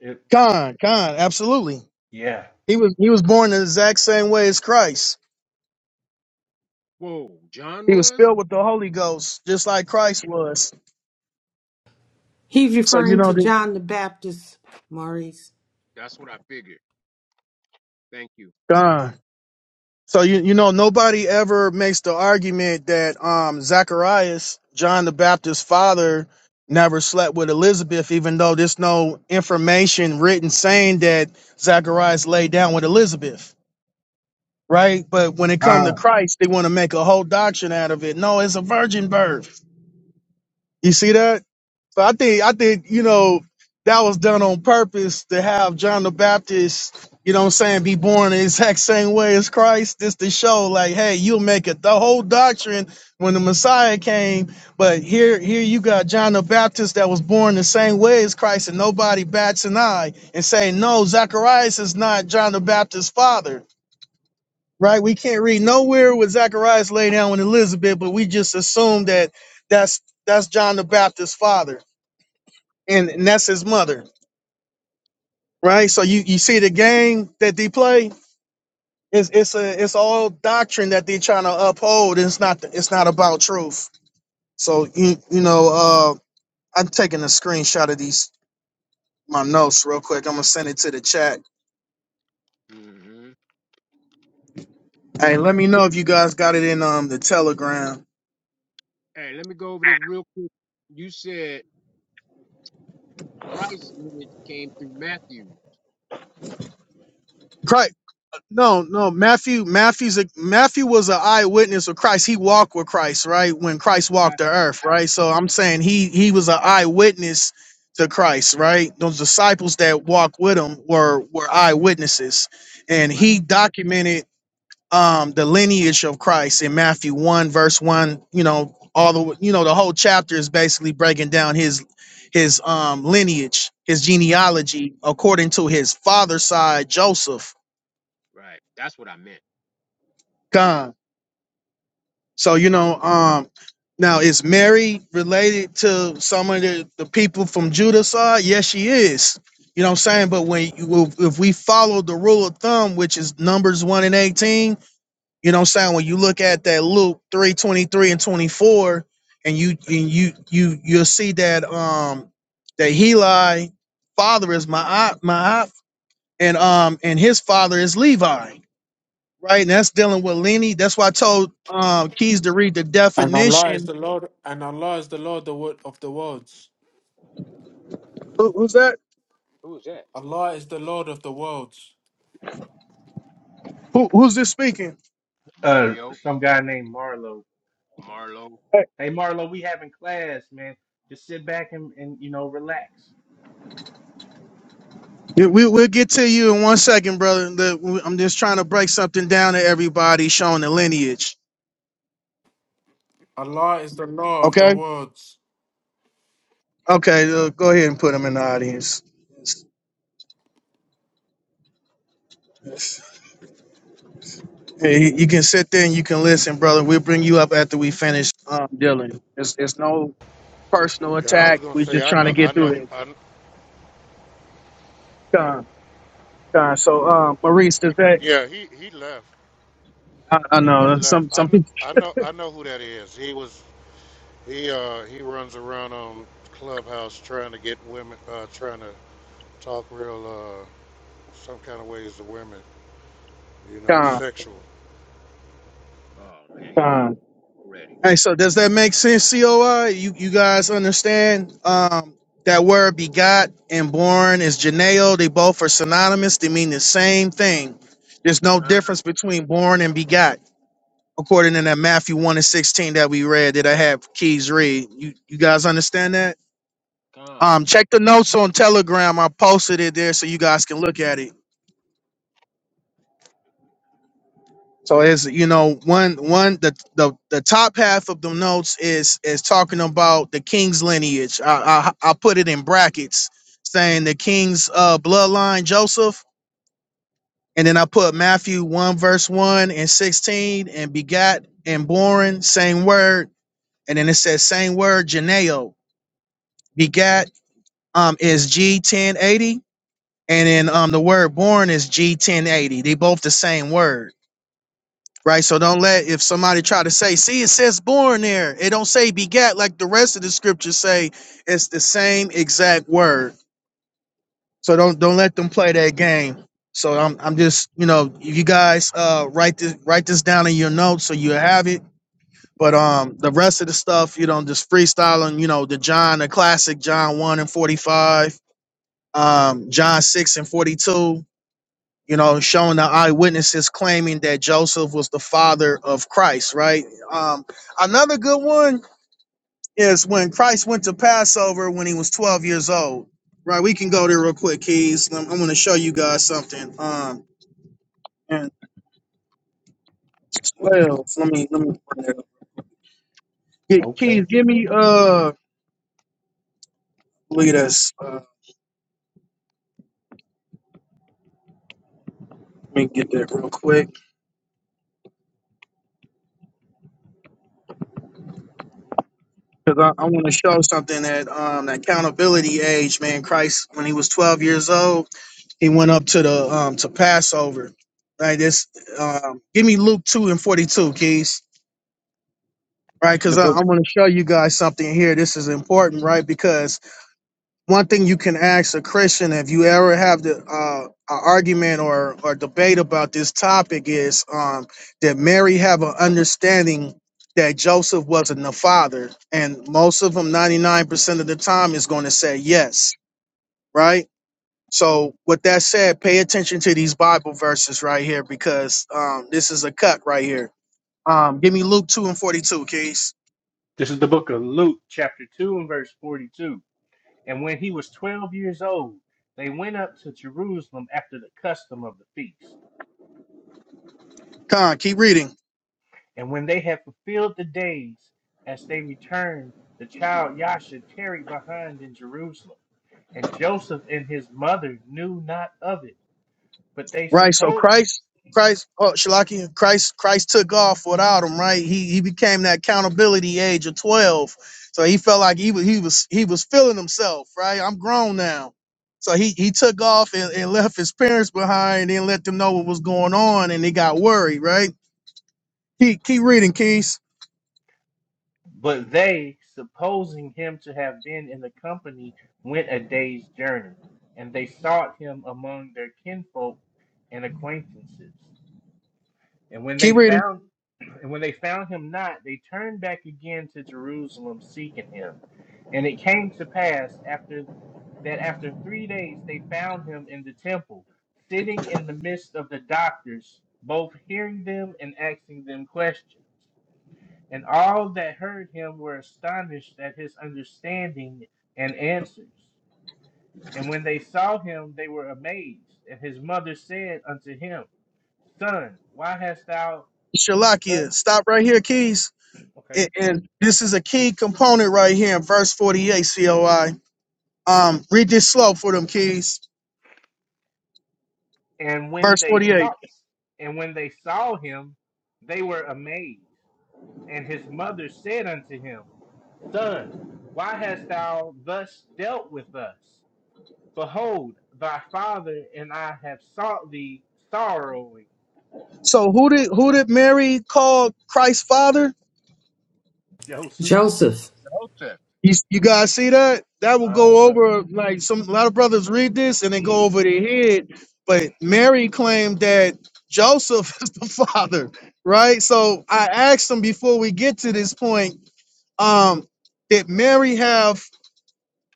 S2: it,
S3: Khan, Khan, absolutely.
S2: yeah.
S3: He was he was born the exact same way as Christ.
S6: Whoa, John
S3: He was
S6: was?
S3: filled with the Holy Ghost, just like Christ was.
S8: He's
S3: So you
S8: referring
S3: know
S8: to
S3: that
S8: John the Baptist, Maurice.
S6: That's what I figured. Thank you.
S3: God. So you you know nobody ever makes the argument that um Zacharias, John the Baptist's father, never slept with Elizabeth, even though there's no information written saying that Zacharias lay down with Elizabeth, right? But when it comes to
S2: Uh
S3: Christ, they want to make a whole doctrine out of it. No, it's a virgin birth. You see that? So I think I think you know that was done on purpose to have John the Baptist, you know what I'm saying, be born the exact same way as Christ. Just to show like, hey, you'll make it the whole doctrine when the Messiah came, but here here you got John the Baptist that was born the same way as Christ, and nobody bats an eye and say, No, Zacharias is not John the Baptist's father. Right? We can't read nowhere where Zacharias lay down with Elizabeth, but we just assume that that's that's John the Baptist's father and, and that's his mother, right? So you you see the game that they play. It's it's a it's all doctrine that they're trying to uphold. It's not it's not about truth. So you you know uh I'm taking a screenshot of these my notes real quick. I'm gonna send it to the chat.
S6: hmm
S3: Hey, let me know if you guys got it in um the Telegram.
S6: Hey, let me go over this real quick. You said Christ's lineage came through Matthew.
S3: Chri- No, no. Matthew, Matthew's a Matthew was an eyewitness of Christ. He walked with Christ, right? When Christ
S6: I-
S3: walked the earth, right? So I'm saying he he was an eyewitness to Christ, right? Those disciples that walked with him were were eyewitnesses, and
S6: right,
S3: he documented um the lineage of Christ in Matthew one verse one. You know, all the you know the whole chapter is basically breaking down his his um lineage, his
S6: right,
S3: genealogy according to his father's side, Joseph.
S6: right. That's what I meant.
S3: gone. So you know, um, now is Mary related to some of the, the people from Judah side? Yes, she is. You know what I'm saying? But when you, if if we follow the rule of thumb, which is Numbers one and eighteen, you know what I'm saying? When you look at that Luke three twenty three and twenty four, and you and you you you'll see that um that Heli father is my my and um and his father is Levi right? And that's dealing with Lenny. That's why I told um, Keys to read the
S9: And Allah is
S3: definition.
S9: the Lord, and Allah is the Lord the wo- of the worlds.
S3: Who, who's that?
S6: Who was that?
S9: Allah is the Lord of the worlds.
S3: Who, who's this speaking?
S2: uh
S6: Mario,
S2: some guy named Marlo.
S6: Marlo.
S3: Hey.
S2: Hey Marlo, we having class, man. Just sit back and, and you know relax.
S3: Yeah, We, we'll get to you in one second, brother. The- I'm just trying to break something down to everybody showing the lineage.
S9: Allah is the Lord of the
S3: Okay?
S9: worlds.
S3: Okay, uh, go ahead and put him in the audience. Hey, you can sit there and you can listen, brother. We'll bring you up after we finish um, dealing. It's, it's no personal
S10: Yeah, I was
S3: attack.
S10: gonna
S3: We're
S10: say
S3: just
S10: I
S3: trying
S10: know
S3: to
S10: I
S3: get
S10: know
S3: through this.
S10: I kn-
S3: Con, con. So, um, Maurice, does that?
S10: yeah he he left
S3: I, I
S10: he he
S3: know
S10: left
S3: some
S10: I
S3: some
S10: know
S3: people.
S10: I know I know who that is he was he uh he runs around on clubhouse trying to get women uh trying to talk real uh some kind of ways to women you know sexual
S6: Oh man, he messed
S3: Con.
S6: up already.
S3: Hey, so does that make sense, COI? You you guys understand um, that word begot and born is geneo. They both are synonymous. They mean the same thing. There's no
S6: Con,
S3: difference between born and begot, according to that Matthew 1 and 16 that we read that I have keys read. You you guys understand that?
S6: con.
S3: Um, check the notes on Telegram. I posted it there so you guys can look at it. So it's you know one one the the the top half of the notes is is talking about the king's lineage. I I, I put it in brackets saying the king's uh, bloodline Joseph, and then I put Matthew one verse one and sixteen and begat and born same word, and then it says same word geneo begat um is G ten eighty, and then um the word born is G ten eighty. They both the same word. Right. So don't let if somebody try to say, see, it says born there. It don't say begat like the rest of the scriptures say. It's the same exact word. So don't don't let them play that game. So I'm I'm just, you know, if you guys uh write this write this down in your notes so you have it. But um the rest of the stuff, you know, just freestyling, you know, the John, the classic John 1 and 45, um, John 6 and 42 you know, showing the eyewitnesses claiming that Joseph was the father of Christ, right? Um, another good one is when Christ went to Passover when he was 12 years old, right? We can go there real quick, Keys. I'm, I'm going to show you guys something. Um, and 12, let me, let me, bring it up. Get,
S2: Okay.
S3: Keys, give me, uh, look at this. Uh, let me get that real quick because I, I want to show something that um, the accountability age, man. Christ, when he was 12 years old, He went up to the um to Passover. Right, this um give me Luke 2 and 42, keys. Right,
S2: This is
S3: because
S2: the
S3: I, I
S2: book
S3: want to show you guys something here. This is important, right? Because one thing you can ask a Christian if you ever have the uh an argument or or debate about this topic is um did Mary have an understanding that Joseph wasn't the father? And most of them, 99% of the time, is going to say yes, right? So, with that said, pay attention to these Bible verses right here because um, this is a cut right here. Um, give me Luke 2 and 42, Keys.
S2: this is the book of Luke, chapter two and verse forty two. And when he was twelve years old, they went up to Jerusalem after the custom of the feast.
S3: Con, keep reading.
S2: And when they had fulfilled the days as they returned, the child Yasha tarried behind in Jerusalem and Joseph and his mother knew not of it, but they
S3: Right, so
S2: supposed
S3: Christ, Christ, oh, Shalaki, Christ, Christ took off without him, right? He he became that accountability age of 12. So he felt like he was he was he was feeling himself, right? I'm grown now. So he he took off and, and left his parents behind and let them know what was going on and they got worried, right? Keep keep reading, Keys.
S2: but they supposing him to have been in the company went a day's journey, and they sought him among their kinfolk and acquaintances. And when they
S3: Keep reading.
S2: found and when they found him not, they turned back again to Jerusalem seeking him. And it came to pass after that after three days they found him in the temple, sitting in the midst of the doctors, both hearing them and asking them questions. And all that heard him were astonished at his understanding and answers. And when they saw him, they were amazed. And his mother said unto him, Son, why hast thou thus?
S3: Shalakia, stop right here, Keys. And, and this is a key component right here in verse 48, COI. Um, read this slow for them, Keys.
S2: And when
S3: Verse
S2: they saw,
S3: 48.
S2: and when they saw him, they were amazed. And his mother said unto him, Son, why hast thou thus dealt with us? Behold, thy father and I have sought thee sorrowing.
S3: So who did who did Mary call Christ's father?
S2: Joseph,
S8: Joseph,
S6: Joseph.
S3: You, you guys see that? That will go
S2: uh-huh.
S3: over like some a lot of brothers read this and they go over their head. But Mary claimed that Joseph is the father, right? So I asked them before we get to this point, um, did Mary have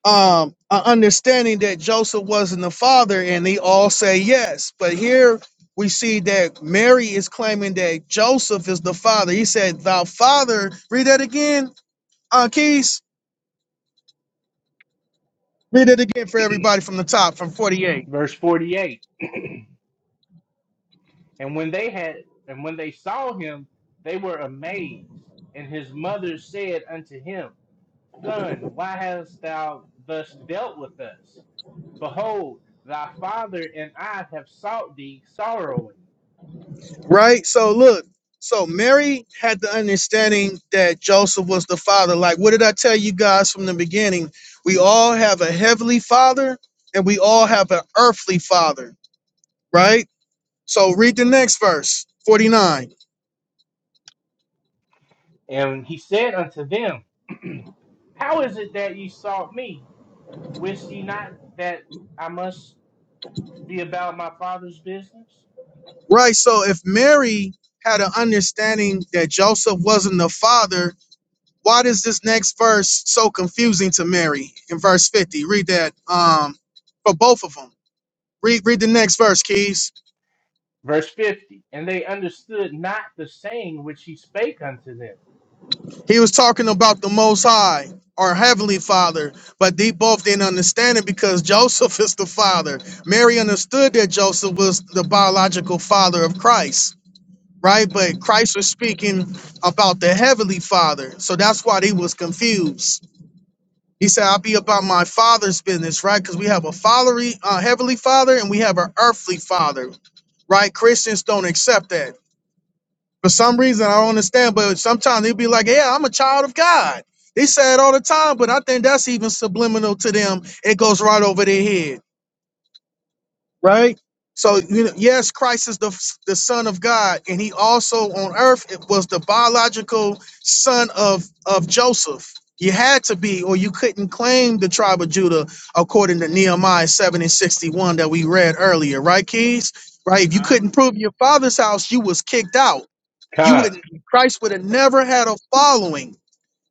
S3: um a understanding that Joseph wasn't the father, and they all say yes. But here we see that Mary is claiming that Joseph is the father. He said, "Thou father." Read that again, uh, Keys. Read it again for everybody from the top, from forty-eight.
S2: verse forty-eight. And when they had, and when they saw him, they were amazed. And his mother said unto him, Son, why hast thou thus dealt with us? Behold, thy father and I have sought thee sorrowing.
S3: Right. So look. So Mary had the understanding that Joseph was the father. Like, what did I tell you guys from the beginning? We all have a heavenly father, and we all have an earthly father. Right So read the next verse, 49.
S2: And he said unto them. How is it that ye sought me? Wist ye not that I must be about my father's business?
S3: Right. So if Mary had an understanding that Joseph wasn't the father, why does this next verse so confusing to Mary in verse 50? Read that um for both of them. Read read the next verse, Keys.
S2: Verse 50 And they understood not the saying which he spake unto them.
S3: He was talking about the most high or heavenly father, but they both didn't understand it because Joseph is the father. Mary understood that Joseph was the biological father of Christ right? But
S2: Mm.
S3: Christ was speaking about the heavenly Father, so that's why they was confused. He said, "I'll be about my Father's business," right? Because we have a fatherly, uh, heavenly Father, and we have an earthly Father, right? Christians don't accept that for some reason. I don't understand, but sometimes they'll be like, "Yeah, I'm a child of God." They say it all the time, but I think that's even subliminal to them. It goes right over their head right? So you know, yes, Christ is the the Son of God, and He also on earth it was the biological son of of Joseph. You had to be, or you couldn't claim the tribe of Judah according to Nehemiah seven and sixty one that we read earlier, right, Keys? Right? If you
S6: Con.
S3: couldn't prove your father's house, you was kicked out. You
S2: Con,
S3: wouldn't. Christ would have never had a following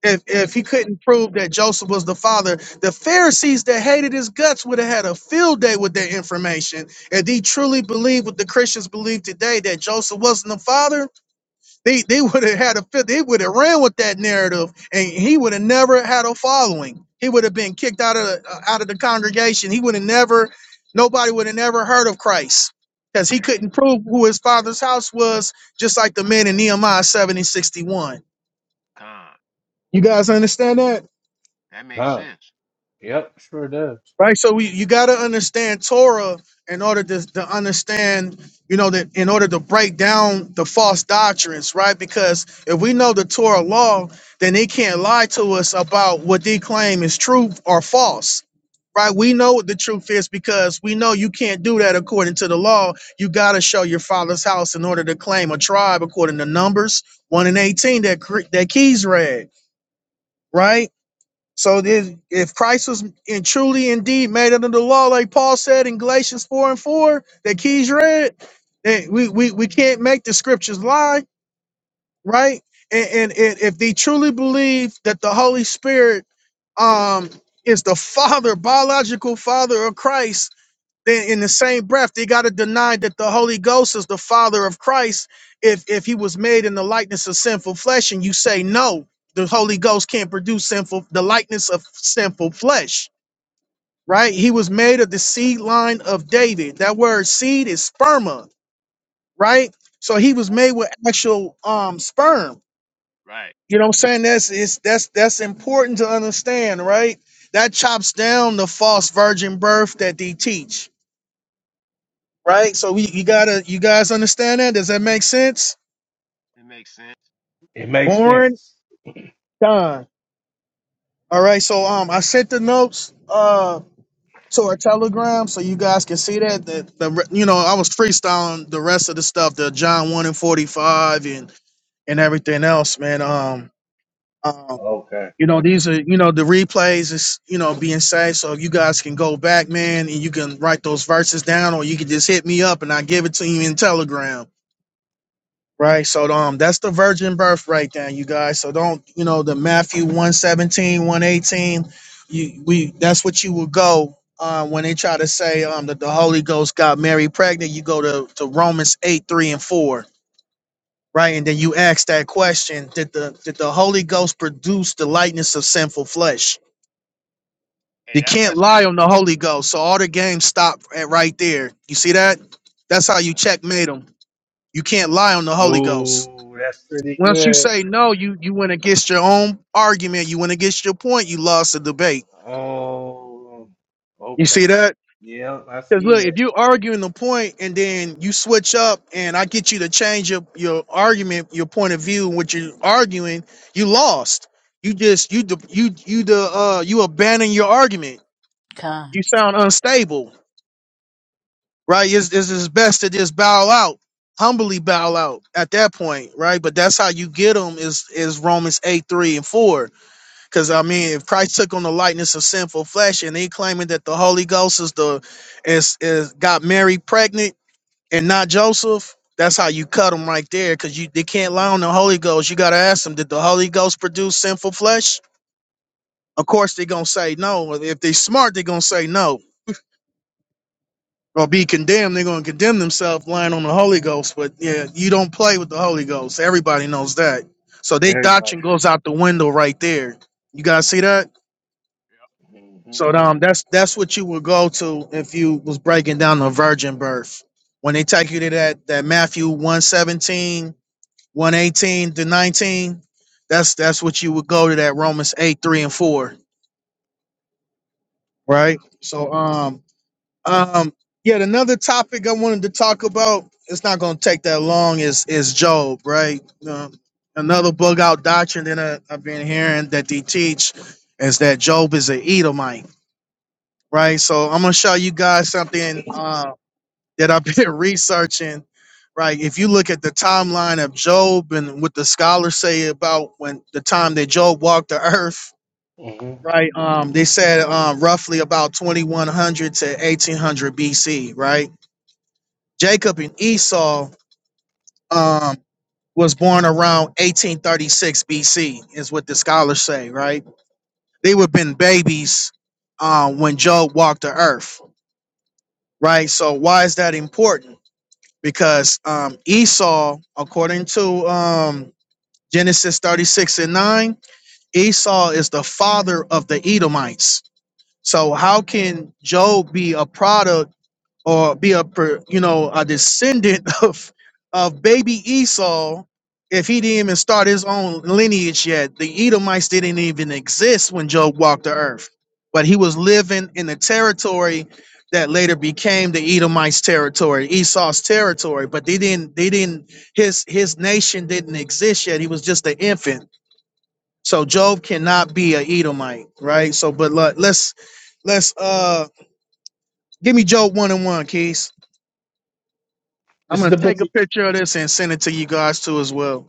S3: if
S6: That
S3: if
S6: makes
S3: he
S6: sense.
S3: couldn't prove that Joseph was the father, the Pharisees that hated his guts would have had a field day with that information. If they truly believed what the Christians believe today that Joseph wasn't the father, they they would have had a field. They would have ran with that narrative, and he would have never had a following. He would have been kicked out of the- uh, out of the congregation. He would have never. Nobody would have never heard of Christ because he
S6: There it is.
S3: couldn't prove who his father's house was, just like the men in Nehemiah seven and sixty one.
S6: Con.
S3: You guys understand that?
S6: That makes
S2: con.
S6: sense.
S2: Yep, sure does.
S3: right? So we, you got to understand Torah in order to, to understand, you know, that in order to break down the false doctrines, right? Because if we know the Torah law, then they can't lie to us about what they claim is true or false. Right, we know what the truth is because we know you can't do that according to the law. You got to show your father's house in order to claim a tribe according to Numbers one and eighteen that Cre- that Keys read, right? So this, if Christ was in truly indeed made under the law, like Paul said in Galatians 4 and 4, that Keys read, that we, we, we can't make the scriptures lie, right? And, and, and if they truly believe that the Holy Spirit um, is the father, biological father of Christ, then in the same breath they got to deny that the holy ghost is the father of christ if if he was made in the likeness of sinful flesh and you say no the holy ghost can't produce sinful the likeness of sinful flesh right he was made of the seed line of david that word seed is sperma right so he was
S6: Right,
S3: made with actual um sperm
S6: right.
S3: you know what i'm saying that's it's that's that's important to understand right that chops down the false virgin birth that they teach right? So we you gotta you guys understand that? Does that make sense?
S6: It makes sense.
S2: It makes
S3: Born
S2: sense.
S3: done. All right. So um, I sent the notes uh to our Telegram so you guys can see that that the re- you know I was freestyling the rest of the stuff, the John one and forty five and and everything else, man. Um, um.
S2: Okay.
S3: You know,
S2: okay.
S3: these are, you know, the replays is, you know, being saved. So you guys can go back, man, and you can write those verses down or you can just hit me up and I give it to you in Telegram Right. So um that's the virgin birth right there, you guys. So don't, you know, the Matthew one seventeen, one eighteen, you we that's what you will go uh, when they try to say um that the Holy Ghost got Mary pregnant, you go to, to Romans 8, 3 and 4. Right. And then you ask that question, did the did the Holy Ghost produce the likeness of sinful flesh?
S6: Hey,
S3: You
S6: that's
S3: can't
S6: that
S3: lie
S6: scripture.
S3: on the Holy Ghost. So all the games stop at right there. You see that? That's how you
S6: Yeah,
S3: checkmate them. You can't lie on the Holy Ghost.
S2: Ooh, that's pretty
S3: Once you
S2: good.
S3: say no, you you went against your own argument. You went against your point. You lost the debate.
S2: Oh,
S3: You see
S2: okay.
S3: that?
S2: Yep, I
S3: Because
S2: see
S3: look, if
S2: that.
S3: you arguing the point and then you switch up, and I get you to change your your argument, your point of view, what you're arguing, you lost. You just you de- you you the uh you abandon your argument. You
S11: Con.
S3: sound unstable, right? It's, it's it's best to just bow out, humbly bow out at that point, right? But that's how you get them is is Romans eight three and four Because I mean, if Christ took on the likeness of sinful flesh, and he claiming that the Holy Ghost is the is is got Mary pregnant and not Joseph, that's how you cut him right there. Because you they can't lie on the Holy Ghost. You got to ask them, did the Holy Ghost produce sinful flesh? Of course, they're gonna say no. If they smart, they're gonna say no. Or be condemned, they're gonna condemn themselves lying on the Holy Ghost. But yeah, you don't play with the Holy Ghost. Everybody knows that. So their
S2: Everybody.
S3: doctrine goes out the window right there. You guys see that?
S2: hmm
S3: So um, that's that's what you would go to if you was breaking down the virgin birth. When they take you to that that Matthew one seventeen one eighteen to 19, that's that's what you would go to that Romans 8, 3 and 4, right?
S6: Con.
S3: So um um yet another topic I wanted to talk about, it's not gonna take that long, is is Job, right? Um, another bug out doctrine that I, I've been hearing that they teach is that Job is an Edomite right? So I'm gonna show you guys something uh, that I've been researching, right? If you look at the timeline of Job and what the scholars say about when the time that Job walked the earth,
S2: hmm
S3: right? Um, they said um, roughly about 2100 to 1800 BC, right? Jacob and Esau um, was born around 1836 BC, is what the scholars say, right? They would have been babies um, when Job walked the earth, right? So why is that important? because um, Esau, according to um, Genesis 36 and 9, Esau is the father of the Edomites. So, how can Job be a product? or be a per, you know a descendant of of baby Esau if he didn't even start his own lineage yet. The Edomites didn't even exist when Job walked the earth, but he was living in the territory that later became the Edomites' territory, Esau's territory. But they didn't they didn't his his nation didn't exist yet. He was just an infant. So Job cannot be a Edomite, right? So, but let, let's let's uh give me Job one and one, Keys. I'm
S2: This is
S3: gonna
S2: the
S3: take a
S2: book.
S3: picture of this and send it to you guys too as well.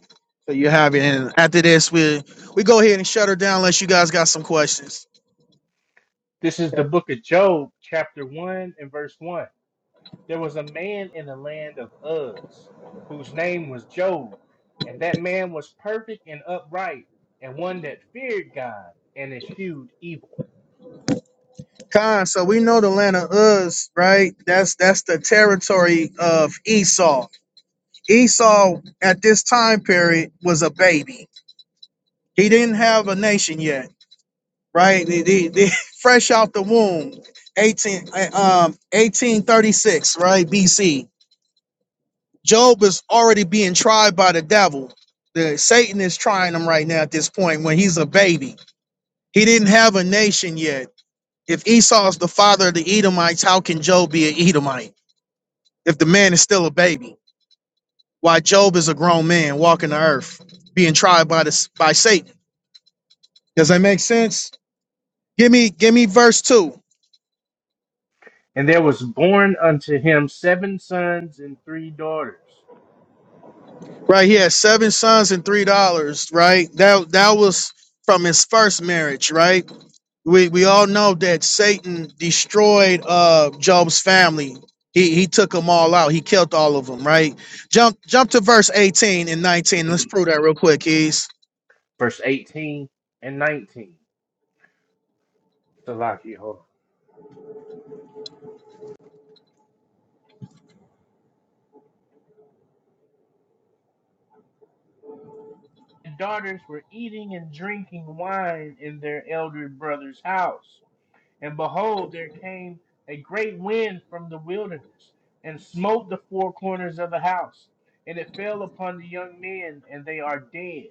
S3: So you have it. And after this, we we go ahead and shut her down unless you guys got some questions.
S2: This is the book of Job, chapter 1 and verse 1. There was a man in the land of Uz whose name was Job, and that man was perfect and upright, and one that feared God and eschewed evil.
S3: Khan, so we know the land of Uz, right? That's that's the territory of Esau. Esau at this time period was a baby. He didn't have a nation yet, right? They, they, they- fresh out the womb, 18 uh, um 1836, right? BC. Job is already being tried by the devil. The Satan is trying him right now at this point when he's a baby. He didn't have a nation yet. If Esau's the father of the Edomites, how can Job be an Edomite if the man is still a baby? Why Job is a grown man walking the earth, being tried by the by Satan. Does that make sense? Give me give me verse two.
S2: And there was born unto him seven sons and three daughters.
S3: Right here, seven sons and three daughters. right? That that was from his first marriage, right? we we all know that Satan destroyed uh Job's family. He he took them all out. He killed all of them, right? Jump jump to verse 18 and 19. Let's prove that real quick, Keys.
S2: Verse 18 and 19. Salaki, hold on. The daughters were eating and drinking wine in their elder brother's house. And behold, there came a great wind from the wilderness, and smote the four corners of the house, and it fell upon the young men, and they are dead.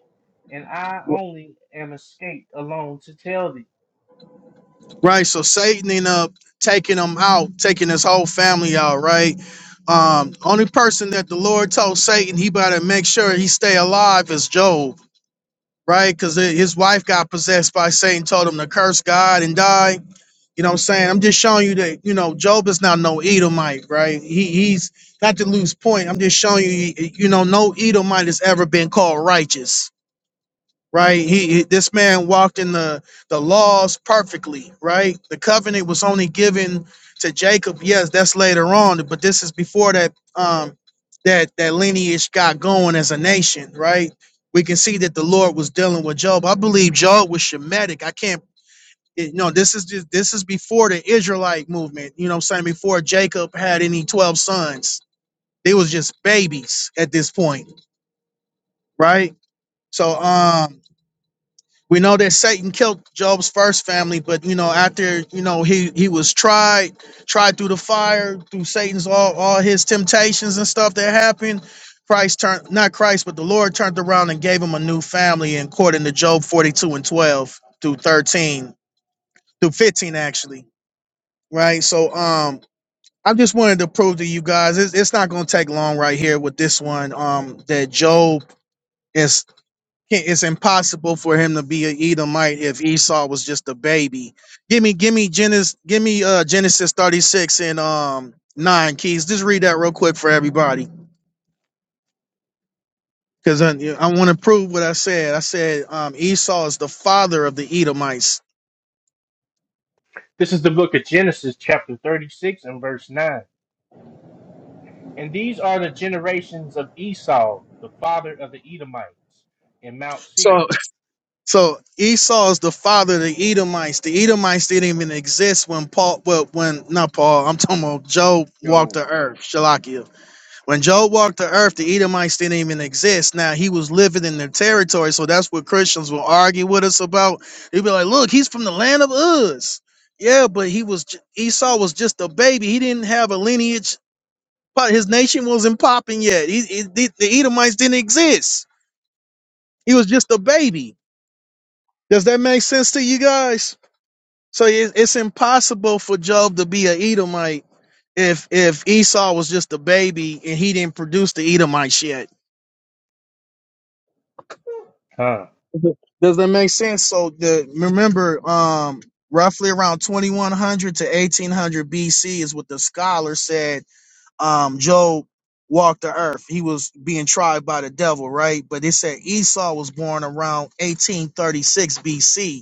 S2: And I only am escaped alone to tell thee.
S3: Right. So Satan ended up taking them out, taking his whole family out, right? Um, only person that the Lord told Satan he better make sure he stay alive is Job, right? Because his wife got possessed by Satan, told him to curse God and die You know what I'm saying? I'm just showing you that, you know, Job is not no Edomite, right? He he's not to lose point. I'm just showing you, you know, no Edomite has ever been called righteous, right? He, he this man walked in the the laws perfectly, right? The covenant was only given to Jacob. Yes, that's later on, but this is before that um that that lineage got going as a nation, right? We can see that the Lord was dealing with Job. I believe Job was Shemitic. I can't it, no, this is just, this is before the Israelite movement. You know, what I'm saying before Jacob had any twelve sons, they was just babies at this point, right? So, um, we know that Satan killed Job's first family, but you know, after you know he he was tried, tried through the fire, through Satan's all all his temptations and stuff that happened. Christ turned not Christ, but the Lord turned around and gave him a new family, according to Job 42 and 12 through 13 through 15 actually right? So um I just wanted to prove to you guys it's, it's not going to take long right here with this one um that Job is it's impossible for him to be an Edomite if Esau was just a baby. Give me give me Genesis give me uh Genesis 36 and um 9 keys. Just read that real quick for everybody cuz I, I want to prove what I said. I said um Esau is the father of the Edomites.
S2: This is the book of Genesis, chapter 36, and verse 9. And these are the generations of Esau, the father of the Edomites, in Mount Seir.
S3: So Esau is the father of the Edomites. The Edomites didn't even exist when Paul, well, when not Paul, I'm talking about Job walked the
S2: Yo,
S3: earth, Shalakia. When Job walked the earth, the Edomites didn't even exist. Now he was living in their territory, so that's what Christians will argue with us about. They'd be like, "Look, he's from the land of Uz." Yeah, but he was j- Esau was just a baby. He didn't have a lineage. But his nation wasn't popping yet. He, he- the the Edomites didn't exist. He was just a baby. Does that make sense to you guys? So it- it's impossible for Job to be an Edomite if if Esau was just a baby and he didn't produce the Edomite yet.
S2: huh.
S3: Does that make sense? So the remember, um, roughly around 2100 to 1800 BC is what the scholar said. Um, Job walked the earth. He was being tried by the devil, right? But it said Esau was born around 1836 BC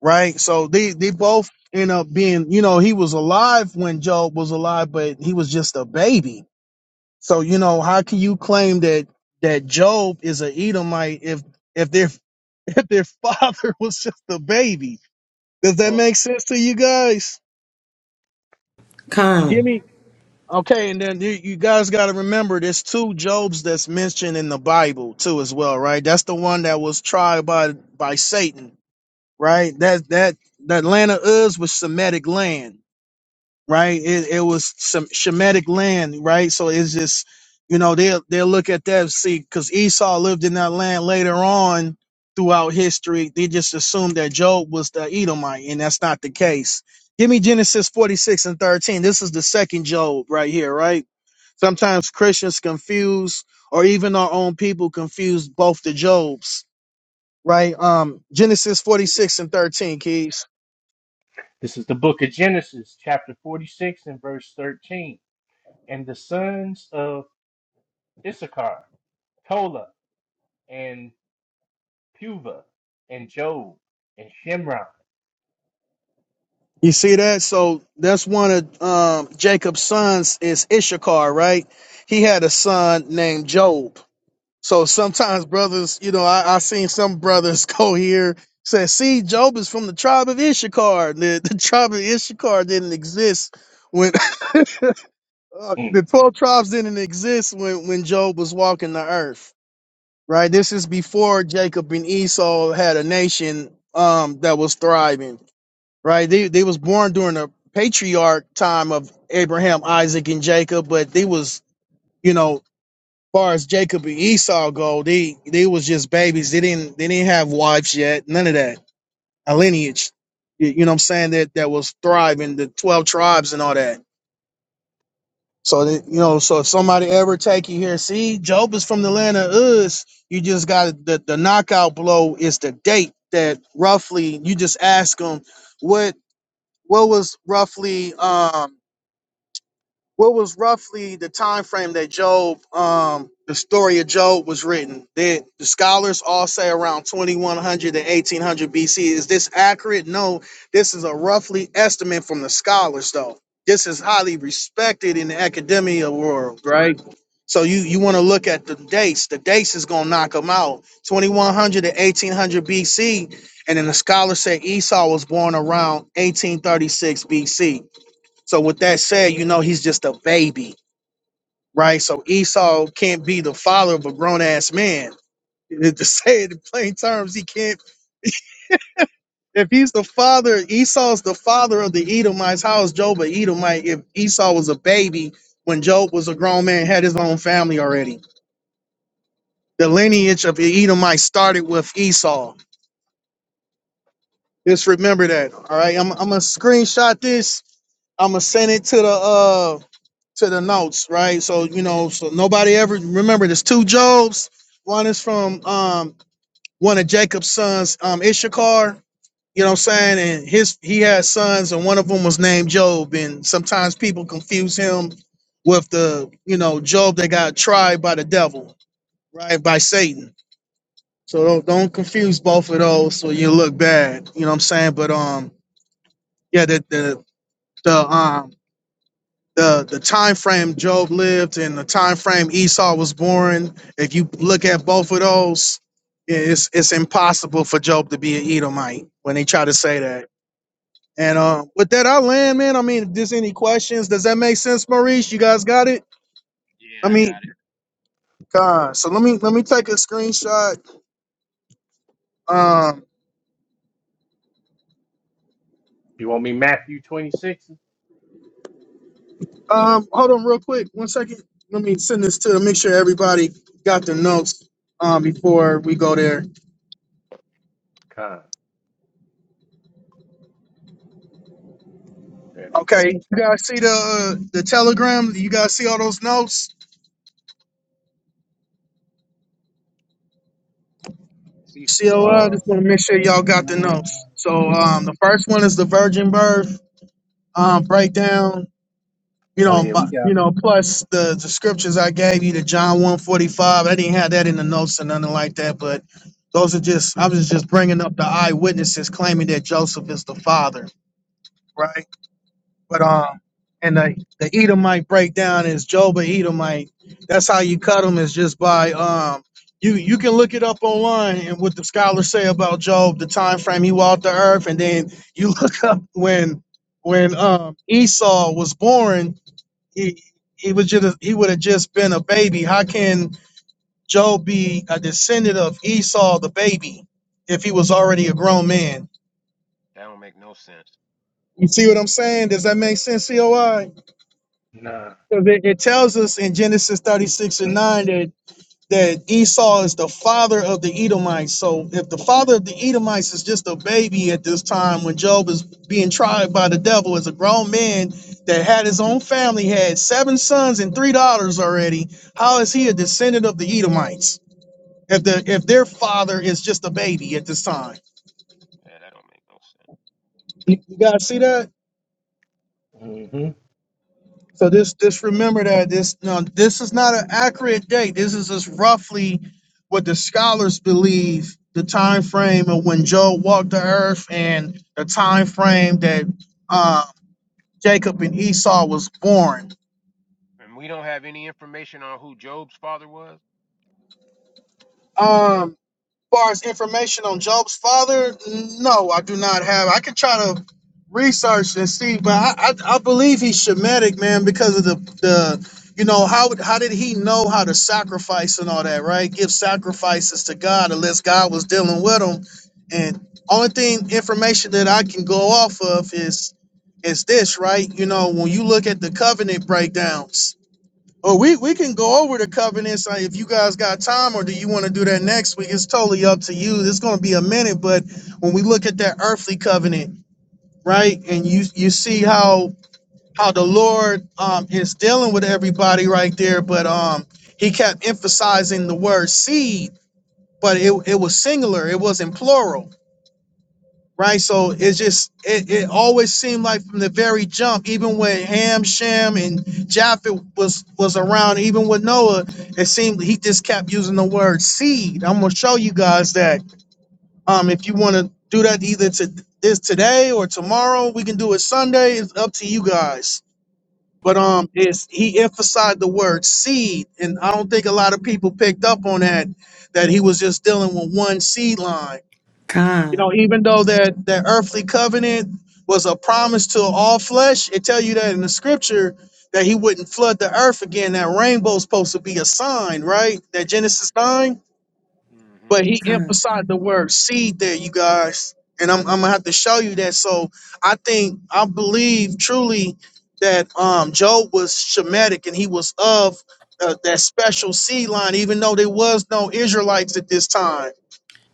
S3: right? So they they both end up being, you know, he was alive when Job was alive, but he was just a baby. So you know, how can you claim that that Job is an Edomite if if their if their father was just a baby? Does that
S2: Mm.
S3: make sense to you guys? Give
S8: con,
S3: me okay, and then you, you guys got to remember there's two Jobs that's mentioned in the Bible too as well, right? That's the one that was tried by by Satan, right? That that that land of Uz was Semitic land right? It it was some Shemitic land, right? So it's just, you know, they'll they'll look at that and see because Esau lived in that land later on throughout history. They just assumed that Job was the Edomite, and that's not the case. Give me Genesis 46 and 13. This is the second Job right here, right? Sometimes Christians confuse or even our own people confuse both the Jobs, right? Um Genesis 46 and 13, Keys.
S2: This is the book of Genesis, chapter 46, and verse 13. And the sons of Issachar, Tola, and Puva, and Job, and Shimron.
S3: You see that? So that's one of um, Jacob's sons is Ishakar, right? He had a son named Job. So sometimes brothers, you know, I, I seen some brothers go here say, "See, Job is from the tribe of Ishakar. The, the tribe of Ishakar didn't exist when uh,
S2: Hmm.
S3: the twelve tribes didn't exist when when Job was walking the earth, right? This is before Jacob and Esau had a nation um, that was thriving." right? They they was born during the patriarch time of Abraham, Isaac, and Jacob, but they was you know, far as Jacob and Esau go, they they was just babies. They didn't they didn't have wives yet, none of that. A lineage, you you know, what I'm saying that that was thriving, the twelve tribes and all that. So that, you know, so if somebody ever take you here, see, Job is from the land of Uz. You just got the the knockout blow is the date that roughly you just ask them what what was roughly um What was roughly the time frame that Job, um, the story of Job was written? Did the scholars all say around 2100 to 1800 BC? Is this accurate? No, this is a roughly estimate from the scholars, though. This is highly respected in the academia world, right? So you you want to look at the dates. The dates is gonna knock them out. 2100 to 1800 BC, and then the scholars say Esau was born around 1836 BC. So with that said, you know he's just a baby, right? So Esau can't be the father of a grown ass man. To say it in plain terms, he can't. If he's the father, Esau's the father of the Edomites. How is Job a Edomite if Esau was a baby when Job was a grown man, had his own family already? The lineage of the Edomites started with Esau. Just remember that. All right, I'm, I'm gonna screenshot this. I'm gonna send it to the uh to the notes, right? So you know, so nobody ever remember. There's two Jobs. One is from um one of Jacob's sons, um Ishakar. You know what I'm saying? And his he had sons, and one of them was named Job. And sometimes people confuse him with the you know Job that got tried by the devil, right? By Satan. So don't, don't confuse both of those, so you look bad. You know what I'm saying? But um, yeah, the the the um the the time frame Job lived and the time frame Esau was born, if you look at both of those, yeah, it's it's impossible for Job to be an Edomite when they try to say that. And uh, with that, I land, man. I mean, if there's any questions, does that make sense, Maurice? You guys got it?
S6: yeah,
S3: I
S6: I
S3: mean,
S6: got it.
S3: God. So let me let me take a screenshot. Um,
S2: You want me Matthew 26?
S3: um, hold on, real quick, one second. Let me send this to make sure everybody got the notes um, before we go there.
S2: Con. There they go.
S3: Okay, you guys see the uh, the telegram? You guys see all those notes?
S6: See, I see
S3: COL,
S2: Oh,
S3: just want to make sure y'all got the
S2: nah.
S3: notes. So
S2: We,
S3: um, the first one is the virgin birth um, breakdown. You
S2: oh
S3: know,
S2: yeah, we
S3: my, you
S2: got
S3: know, plus the, the scriptures I gave you, the John one forty five. I didn't have that in the notes or nothing like that, but those are just I was just bringing up the eyewitnesses claiming that Joseph is the father, right? But um, and the the Edomite breakdown is Job and Edomite. That's how you cut them is just by um. You you can look it up online and what the scholars say about Job, the time frame he walked the earth, and then you look up when when um Esau was born, he he was just he would have just been a baby. How can Job be a descendant of Esau, the baby, if he was already a grown man?
S6: That don't make no sense.
S3: You see what I'm saying? Does that make sense, COI?
S2: it. Nah.
S3: Because it, it tells us in Genesis 36 and 9 that, that Esau is the father of the Edomites. So if the father of the Edomites is just a baby at this time when Job is being tried by the devil as a grown man that had his own family, had seven sons and three daughters already, how is he a descendant of the Edomites? If the if their father is just a baby at this time.
S6: Yeah, that don't make no sense.
S3: You, you guys see that?
S2: hmm
S3: So this this remember that this no this is not an accurate date. This is just roughly what the scholars believe the time frame of when Job walked the earth and the time frame that um, Jacob and Esau was born.
S6: And we don't have any information on who Job's father was.
S3: Um, far as information on Job's father, no, I do not have. I can try to research and see, but I, I, I believe he's Shemitic, man, because of the the you know how how did he know how to sacrifice and all that, right? Give sacrifices to God unless God was dealing with him. And only thing information that I can go off of is is this, right? You know, when you look at the covenant breakdowns well, we, we can go over the covenants uh, if you guys got time, or do you want to do that next week? It's totally up to you. It's going to be a minute, but when we look at that earthly covenant, right, and you you see how how the Lord um, is dealing with everybody right there, but um, he kept emphasizing the word seed, but it, it was singular, it wasn't plural right? So it's just it, it always seemed like from the very jump, even when Ham, Shem, and Japheth was was around, even with Noah, it seemed he just kept using the word seed. I'm gonna show you guys that um if you want to do that either to this today or tomorrow, we can do it Sunday. It's up to you guys. But um, it's he emphasized the word seed, and I don't think a lot of people picked up on that that he was just dealing with one seed line you
S8: con,
S3: know, even though that that earthly covenant was a promise to all flesh, it tell you that in the scripture that he wouldn't flood the earth again. That rainbow's supposed to be a sign, right? That Genesis sign. But
S6: Mm-hmm.
S3: he
S8: con,
S3: emphasized the word seed there, you guys. And I'm, I'm gonna have to show you that. So I think I believe truly that um Job was Shemitic and he was of uh, that special seed line, even though there was no Israelites at this time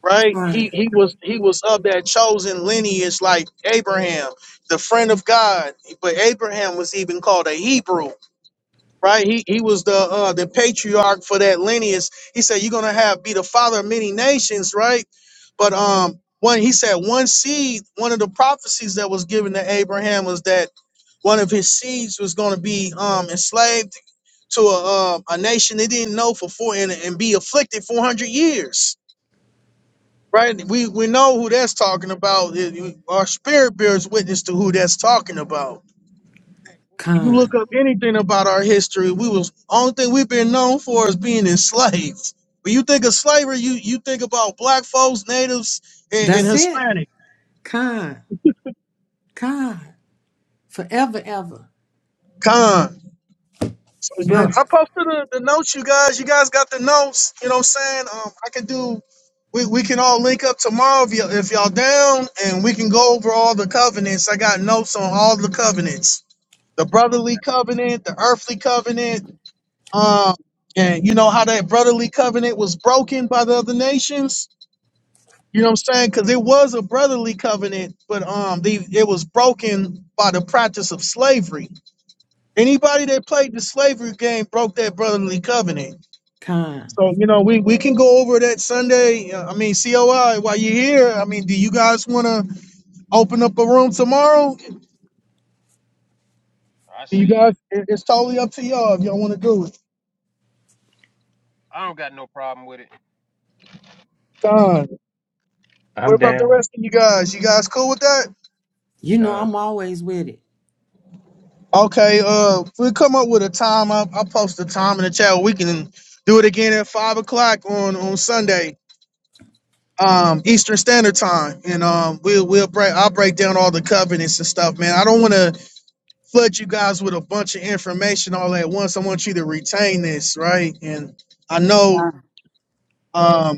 S3: right?
S8: con,
S3: He he was he was of that chosen lineage like Abraham, the friend of God. But Abraham was even called a Hebrew, right? He he was the uh the patriarch for that lineage. He said, You're gonna have be the father of many nations, right? But um one he said one seed, one of the prophecies that was given to Abraham was that one of his seeds was gonna be um enslaved to a uh a nation they didn't know for four and, and be afflicted 400 years Right? We we know who that's talking about. It- you- Our spirit bears witness to who that's talking about. You look
S8: con.
S3: up anything about our history, we was only thing we've been known for is being enslaved. When you think of slavery, you you think about black folks, natives, and, and
S8: That's it.
S3: Hispanic.
S8: Con, con. Forever, ever.
S3: Con. So you
S8: But
S3: I posted the, the notes, you guys. You guys got the notes. You know what I'm saying? Um, I can do we, we can all link up tomorrow if, y- if y'all down and we can go over all the covenants. I got notes on all the covenants. the
S6: Okay.
S3: brotherly covenant, the earthly covenant, um, and you know how that brotherly covenant was broken by the other nations. You know what I'm saying? Because it was a brotherly covenant, but um, they, it was broken by the practice of slavery. Anybody that played the slavery game broke that brotherly covenant.
S8: con.
S3: So you know we, we can go over that Sunday. uh, I mean COI while you're here. I mean, do you guys want to open up a room tomorrow?
S6: I
S3: Do you
S6: say yes.
S3: guys? it- It's totally up to y'all if y'all want to do it.
S6: I don't got no problem with it.
S3: Done. What
S2: I'm
S3: about the
S2: down.
S3: rest of you guys? You guys cool with that?
S8: You know
S2: Con.
S8: I'm always with it.
S3: Okay, uh, if we come up with a time. I'll, I'll post the time in the chat. We can do it again at five o'clock on on Sunday, um, Eastern Standard Time, and um, we'll we'll break. I'll break down all the covenants and stuff, man. I don't want to flood you guys with a bunch of information all at once. I want you to retain this, right? And I know.
S11: Con.
S3: um.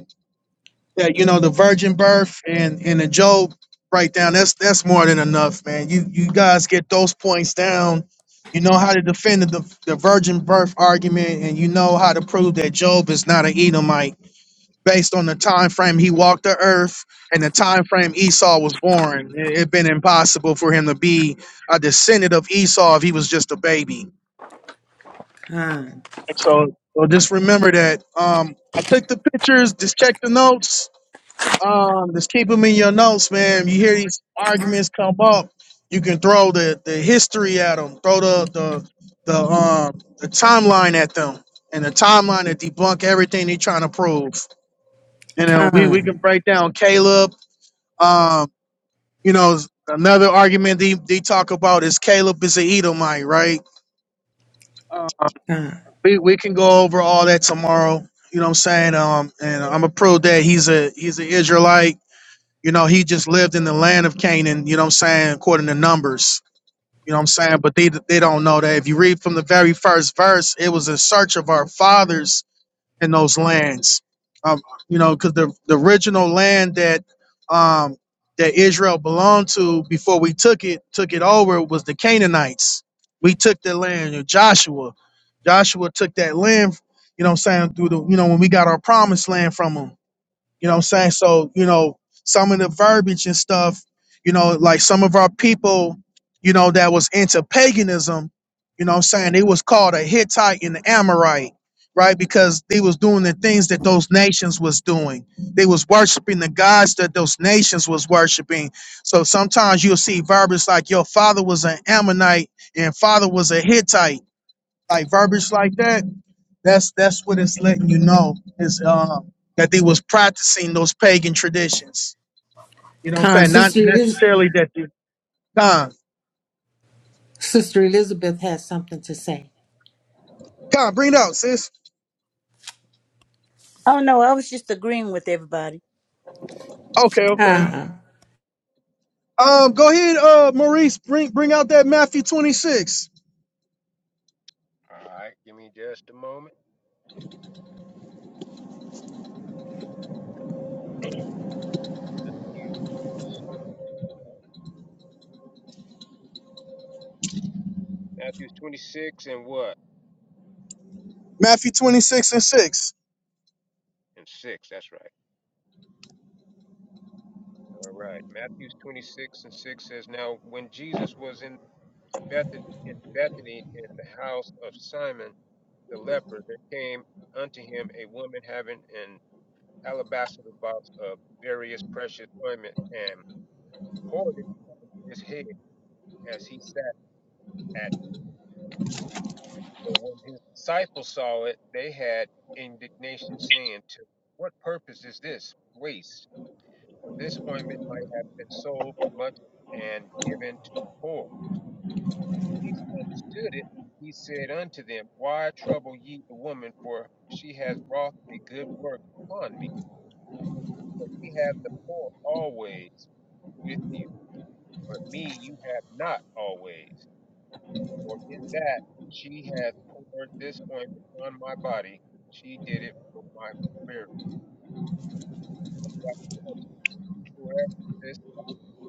S3: Yeah, you know the virgin birth and and the Job breakdown. That's that's more than enough, man. You you guys get those points down. You know how to defend the the virgin birth argument, and you know how to prove that Job is not an Edomite based on the time frame he walked the earth and the time frame Esau was born. It had been impossible for him to be a descendant of Esau if he was just a baby.
S8: Con,
S3: So so just remember that. Um, I took the pictures. Just check the notes um, just keep them in your notes, man. You hear these arguments come up, you can throw the, the history at them, throw the the the um the timeline at them, and the timeline to debunk everything they're trying to prove. You know, we we can
S8: con,
S3: break down Caleb. Um, you know, another argument they, they talk about is Caleb is an Edomite, right? Uh,
S8: con,
S3: we we can go over all that tomorrow. You know what I'm saying? Um, and I'm gonna prove that he's a he's an Israelite You know, he just lived in the land of Canaan, you know what I'm saying, according to Numbers. You know what I'm saying? But they they don't know that. If you read from the very first verse, it was a search of our fathers in those lands. Um, you know, because the, the original land that um that Israel belonged to before we took it, took it over was the Canaanites. We took the land, you know, Joshua. Joshua took that land, you know what I'm saying, through the you know, when we got our promised land from them. You know what I'm saying? So, you know, some of the verbiage and stuff, you know, like some of our people, you know, that was into paganism, you know what I'm saying? They was called a Hittite and an Amorite, right? Because they was doing the things that those nations was doing. They was worshiping the gods that those nations was worshiping. So sometimes you'll see verbiage like your father was an Ammonite and father was a Hittite, like verbiage like that that's that's what it's letting you know is uh, that they was practicing those pagan traditions. You know what I'm
S8: con.
S3: saying? Not
S8: Sister, Eliz-
S3: necessarily that they Con,
S8: Sister Elizabeth has something to say.
S3: Con, bring it out, sis.
S11: Oh no, I was just agreeing with everybody.
S3: Okay, okay.
S8: Con.
S3: Um, go ahead, uh, Maurice, bring bring out that Matthew 26,
S6: All right. Give me just a moment. Matthew's Matthew's 26 and what?
S3: Matthew 26 and 6.
S6: And 6, that's right. All right. Matthew's 26 and 6 says, Now when Jesus was in Bethany, in Bethany in the house of Simon the leper, there came unto him a woman having an alabaster box of various precious ointment and poured it on his head as he sat at meat. But when his disciples saw it, they had indignation, saying, To what purpose is this waste? For this ointment might have been sold for much and given to the poor. When Jesus understood it, he said unto them, Why trouble ye the woman? For she has wrought a good work upon me. For ye have the poor always with you but me you have not always. For in that she has poured this ointment on my body, she did it for my burial. Verily I Whosoever this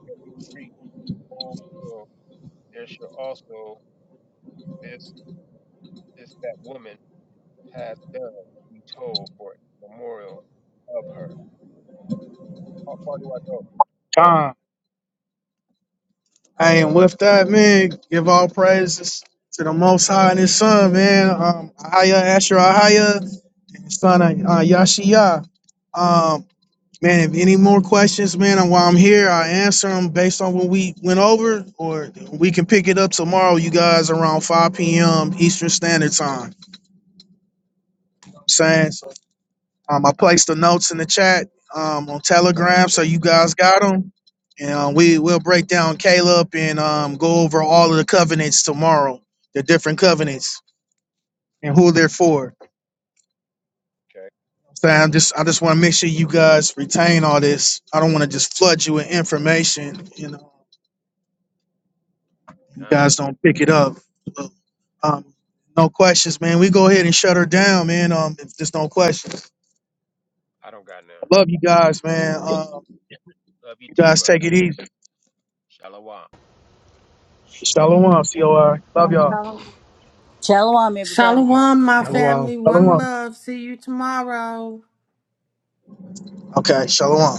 S6: shall be preached in the whole world, there shall also this this that woman has done be told for a memorial of her. How far do I go?
S3: Con. Hey, and with that, man, give all praises to the Most High and His Son, man. Um, Ahaya Asher Ahaya, and His Son uh, Yashiya. Um. Man, if any more questions, man, and while I'm here, I answer them based on what we went over, or we can pick it up tomorrow, you guys, around 5 p.m. Eastern Standard Time. I'm Saying, um, I placed the notes in the chat um, on
S6: I'm fine
S3: Telegram,
S6: with
S3: so
S6: that.
S3: you guys got them. And uh, we will break down Caleb and um, go over all of the covenants tomorrow, the different covenants and who they're for.
S6: Okay.
S3: So I am just, I just want to make sure you guys retain all this. I don't want to just flood you with information, you know. You
S6: Con.
S3: guys don't pick it up. So, Um, no questions, man. We go ahead and shut her down, man. Um, if there's no questions,
S6: I don't got
S3: I
S6: none.
S3: love you guys, man. Um,
S6: Love you
S3: you
S6: too,
S3: guys
S6: bro.
S3: take it easy.
S6: Shalom.
S10: shalom
S3: Shalom, C O I. Love
S7: shalom,
S3: y'all.
S7: shalom.
S11: Shalom, everybody.
S8: Shalom, my
S2: Shalom.
S8: family. One
S3: Shalom.
S8: love. See you tomorrow.
S3: Okay, shalom.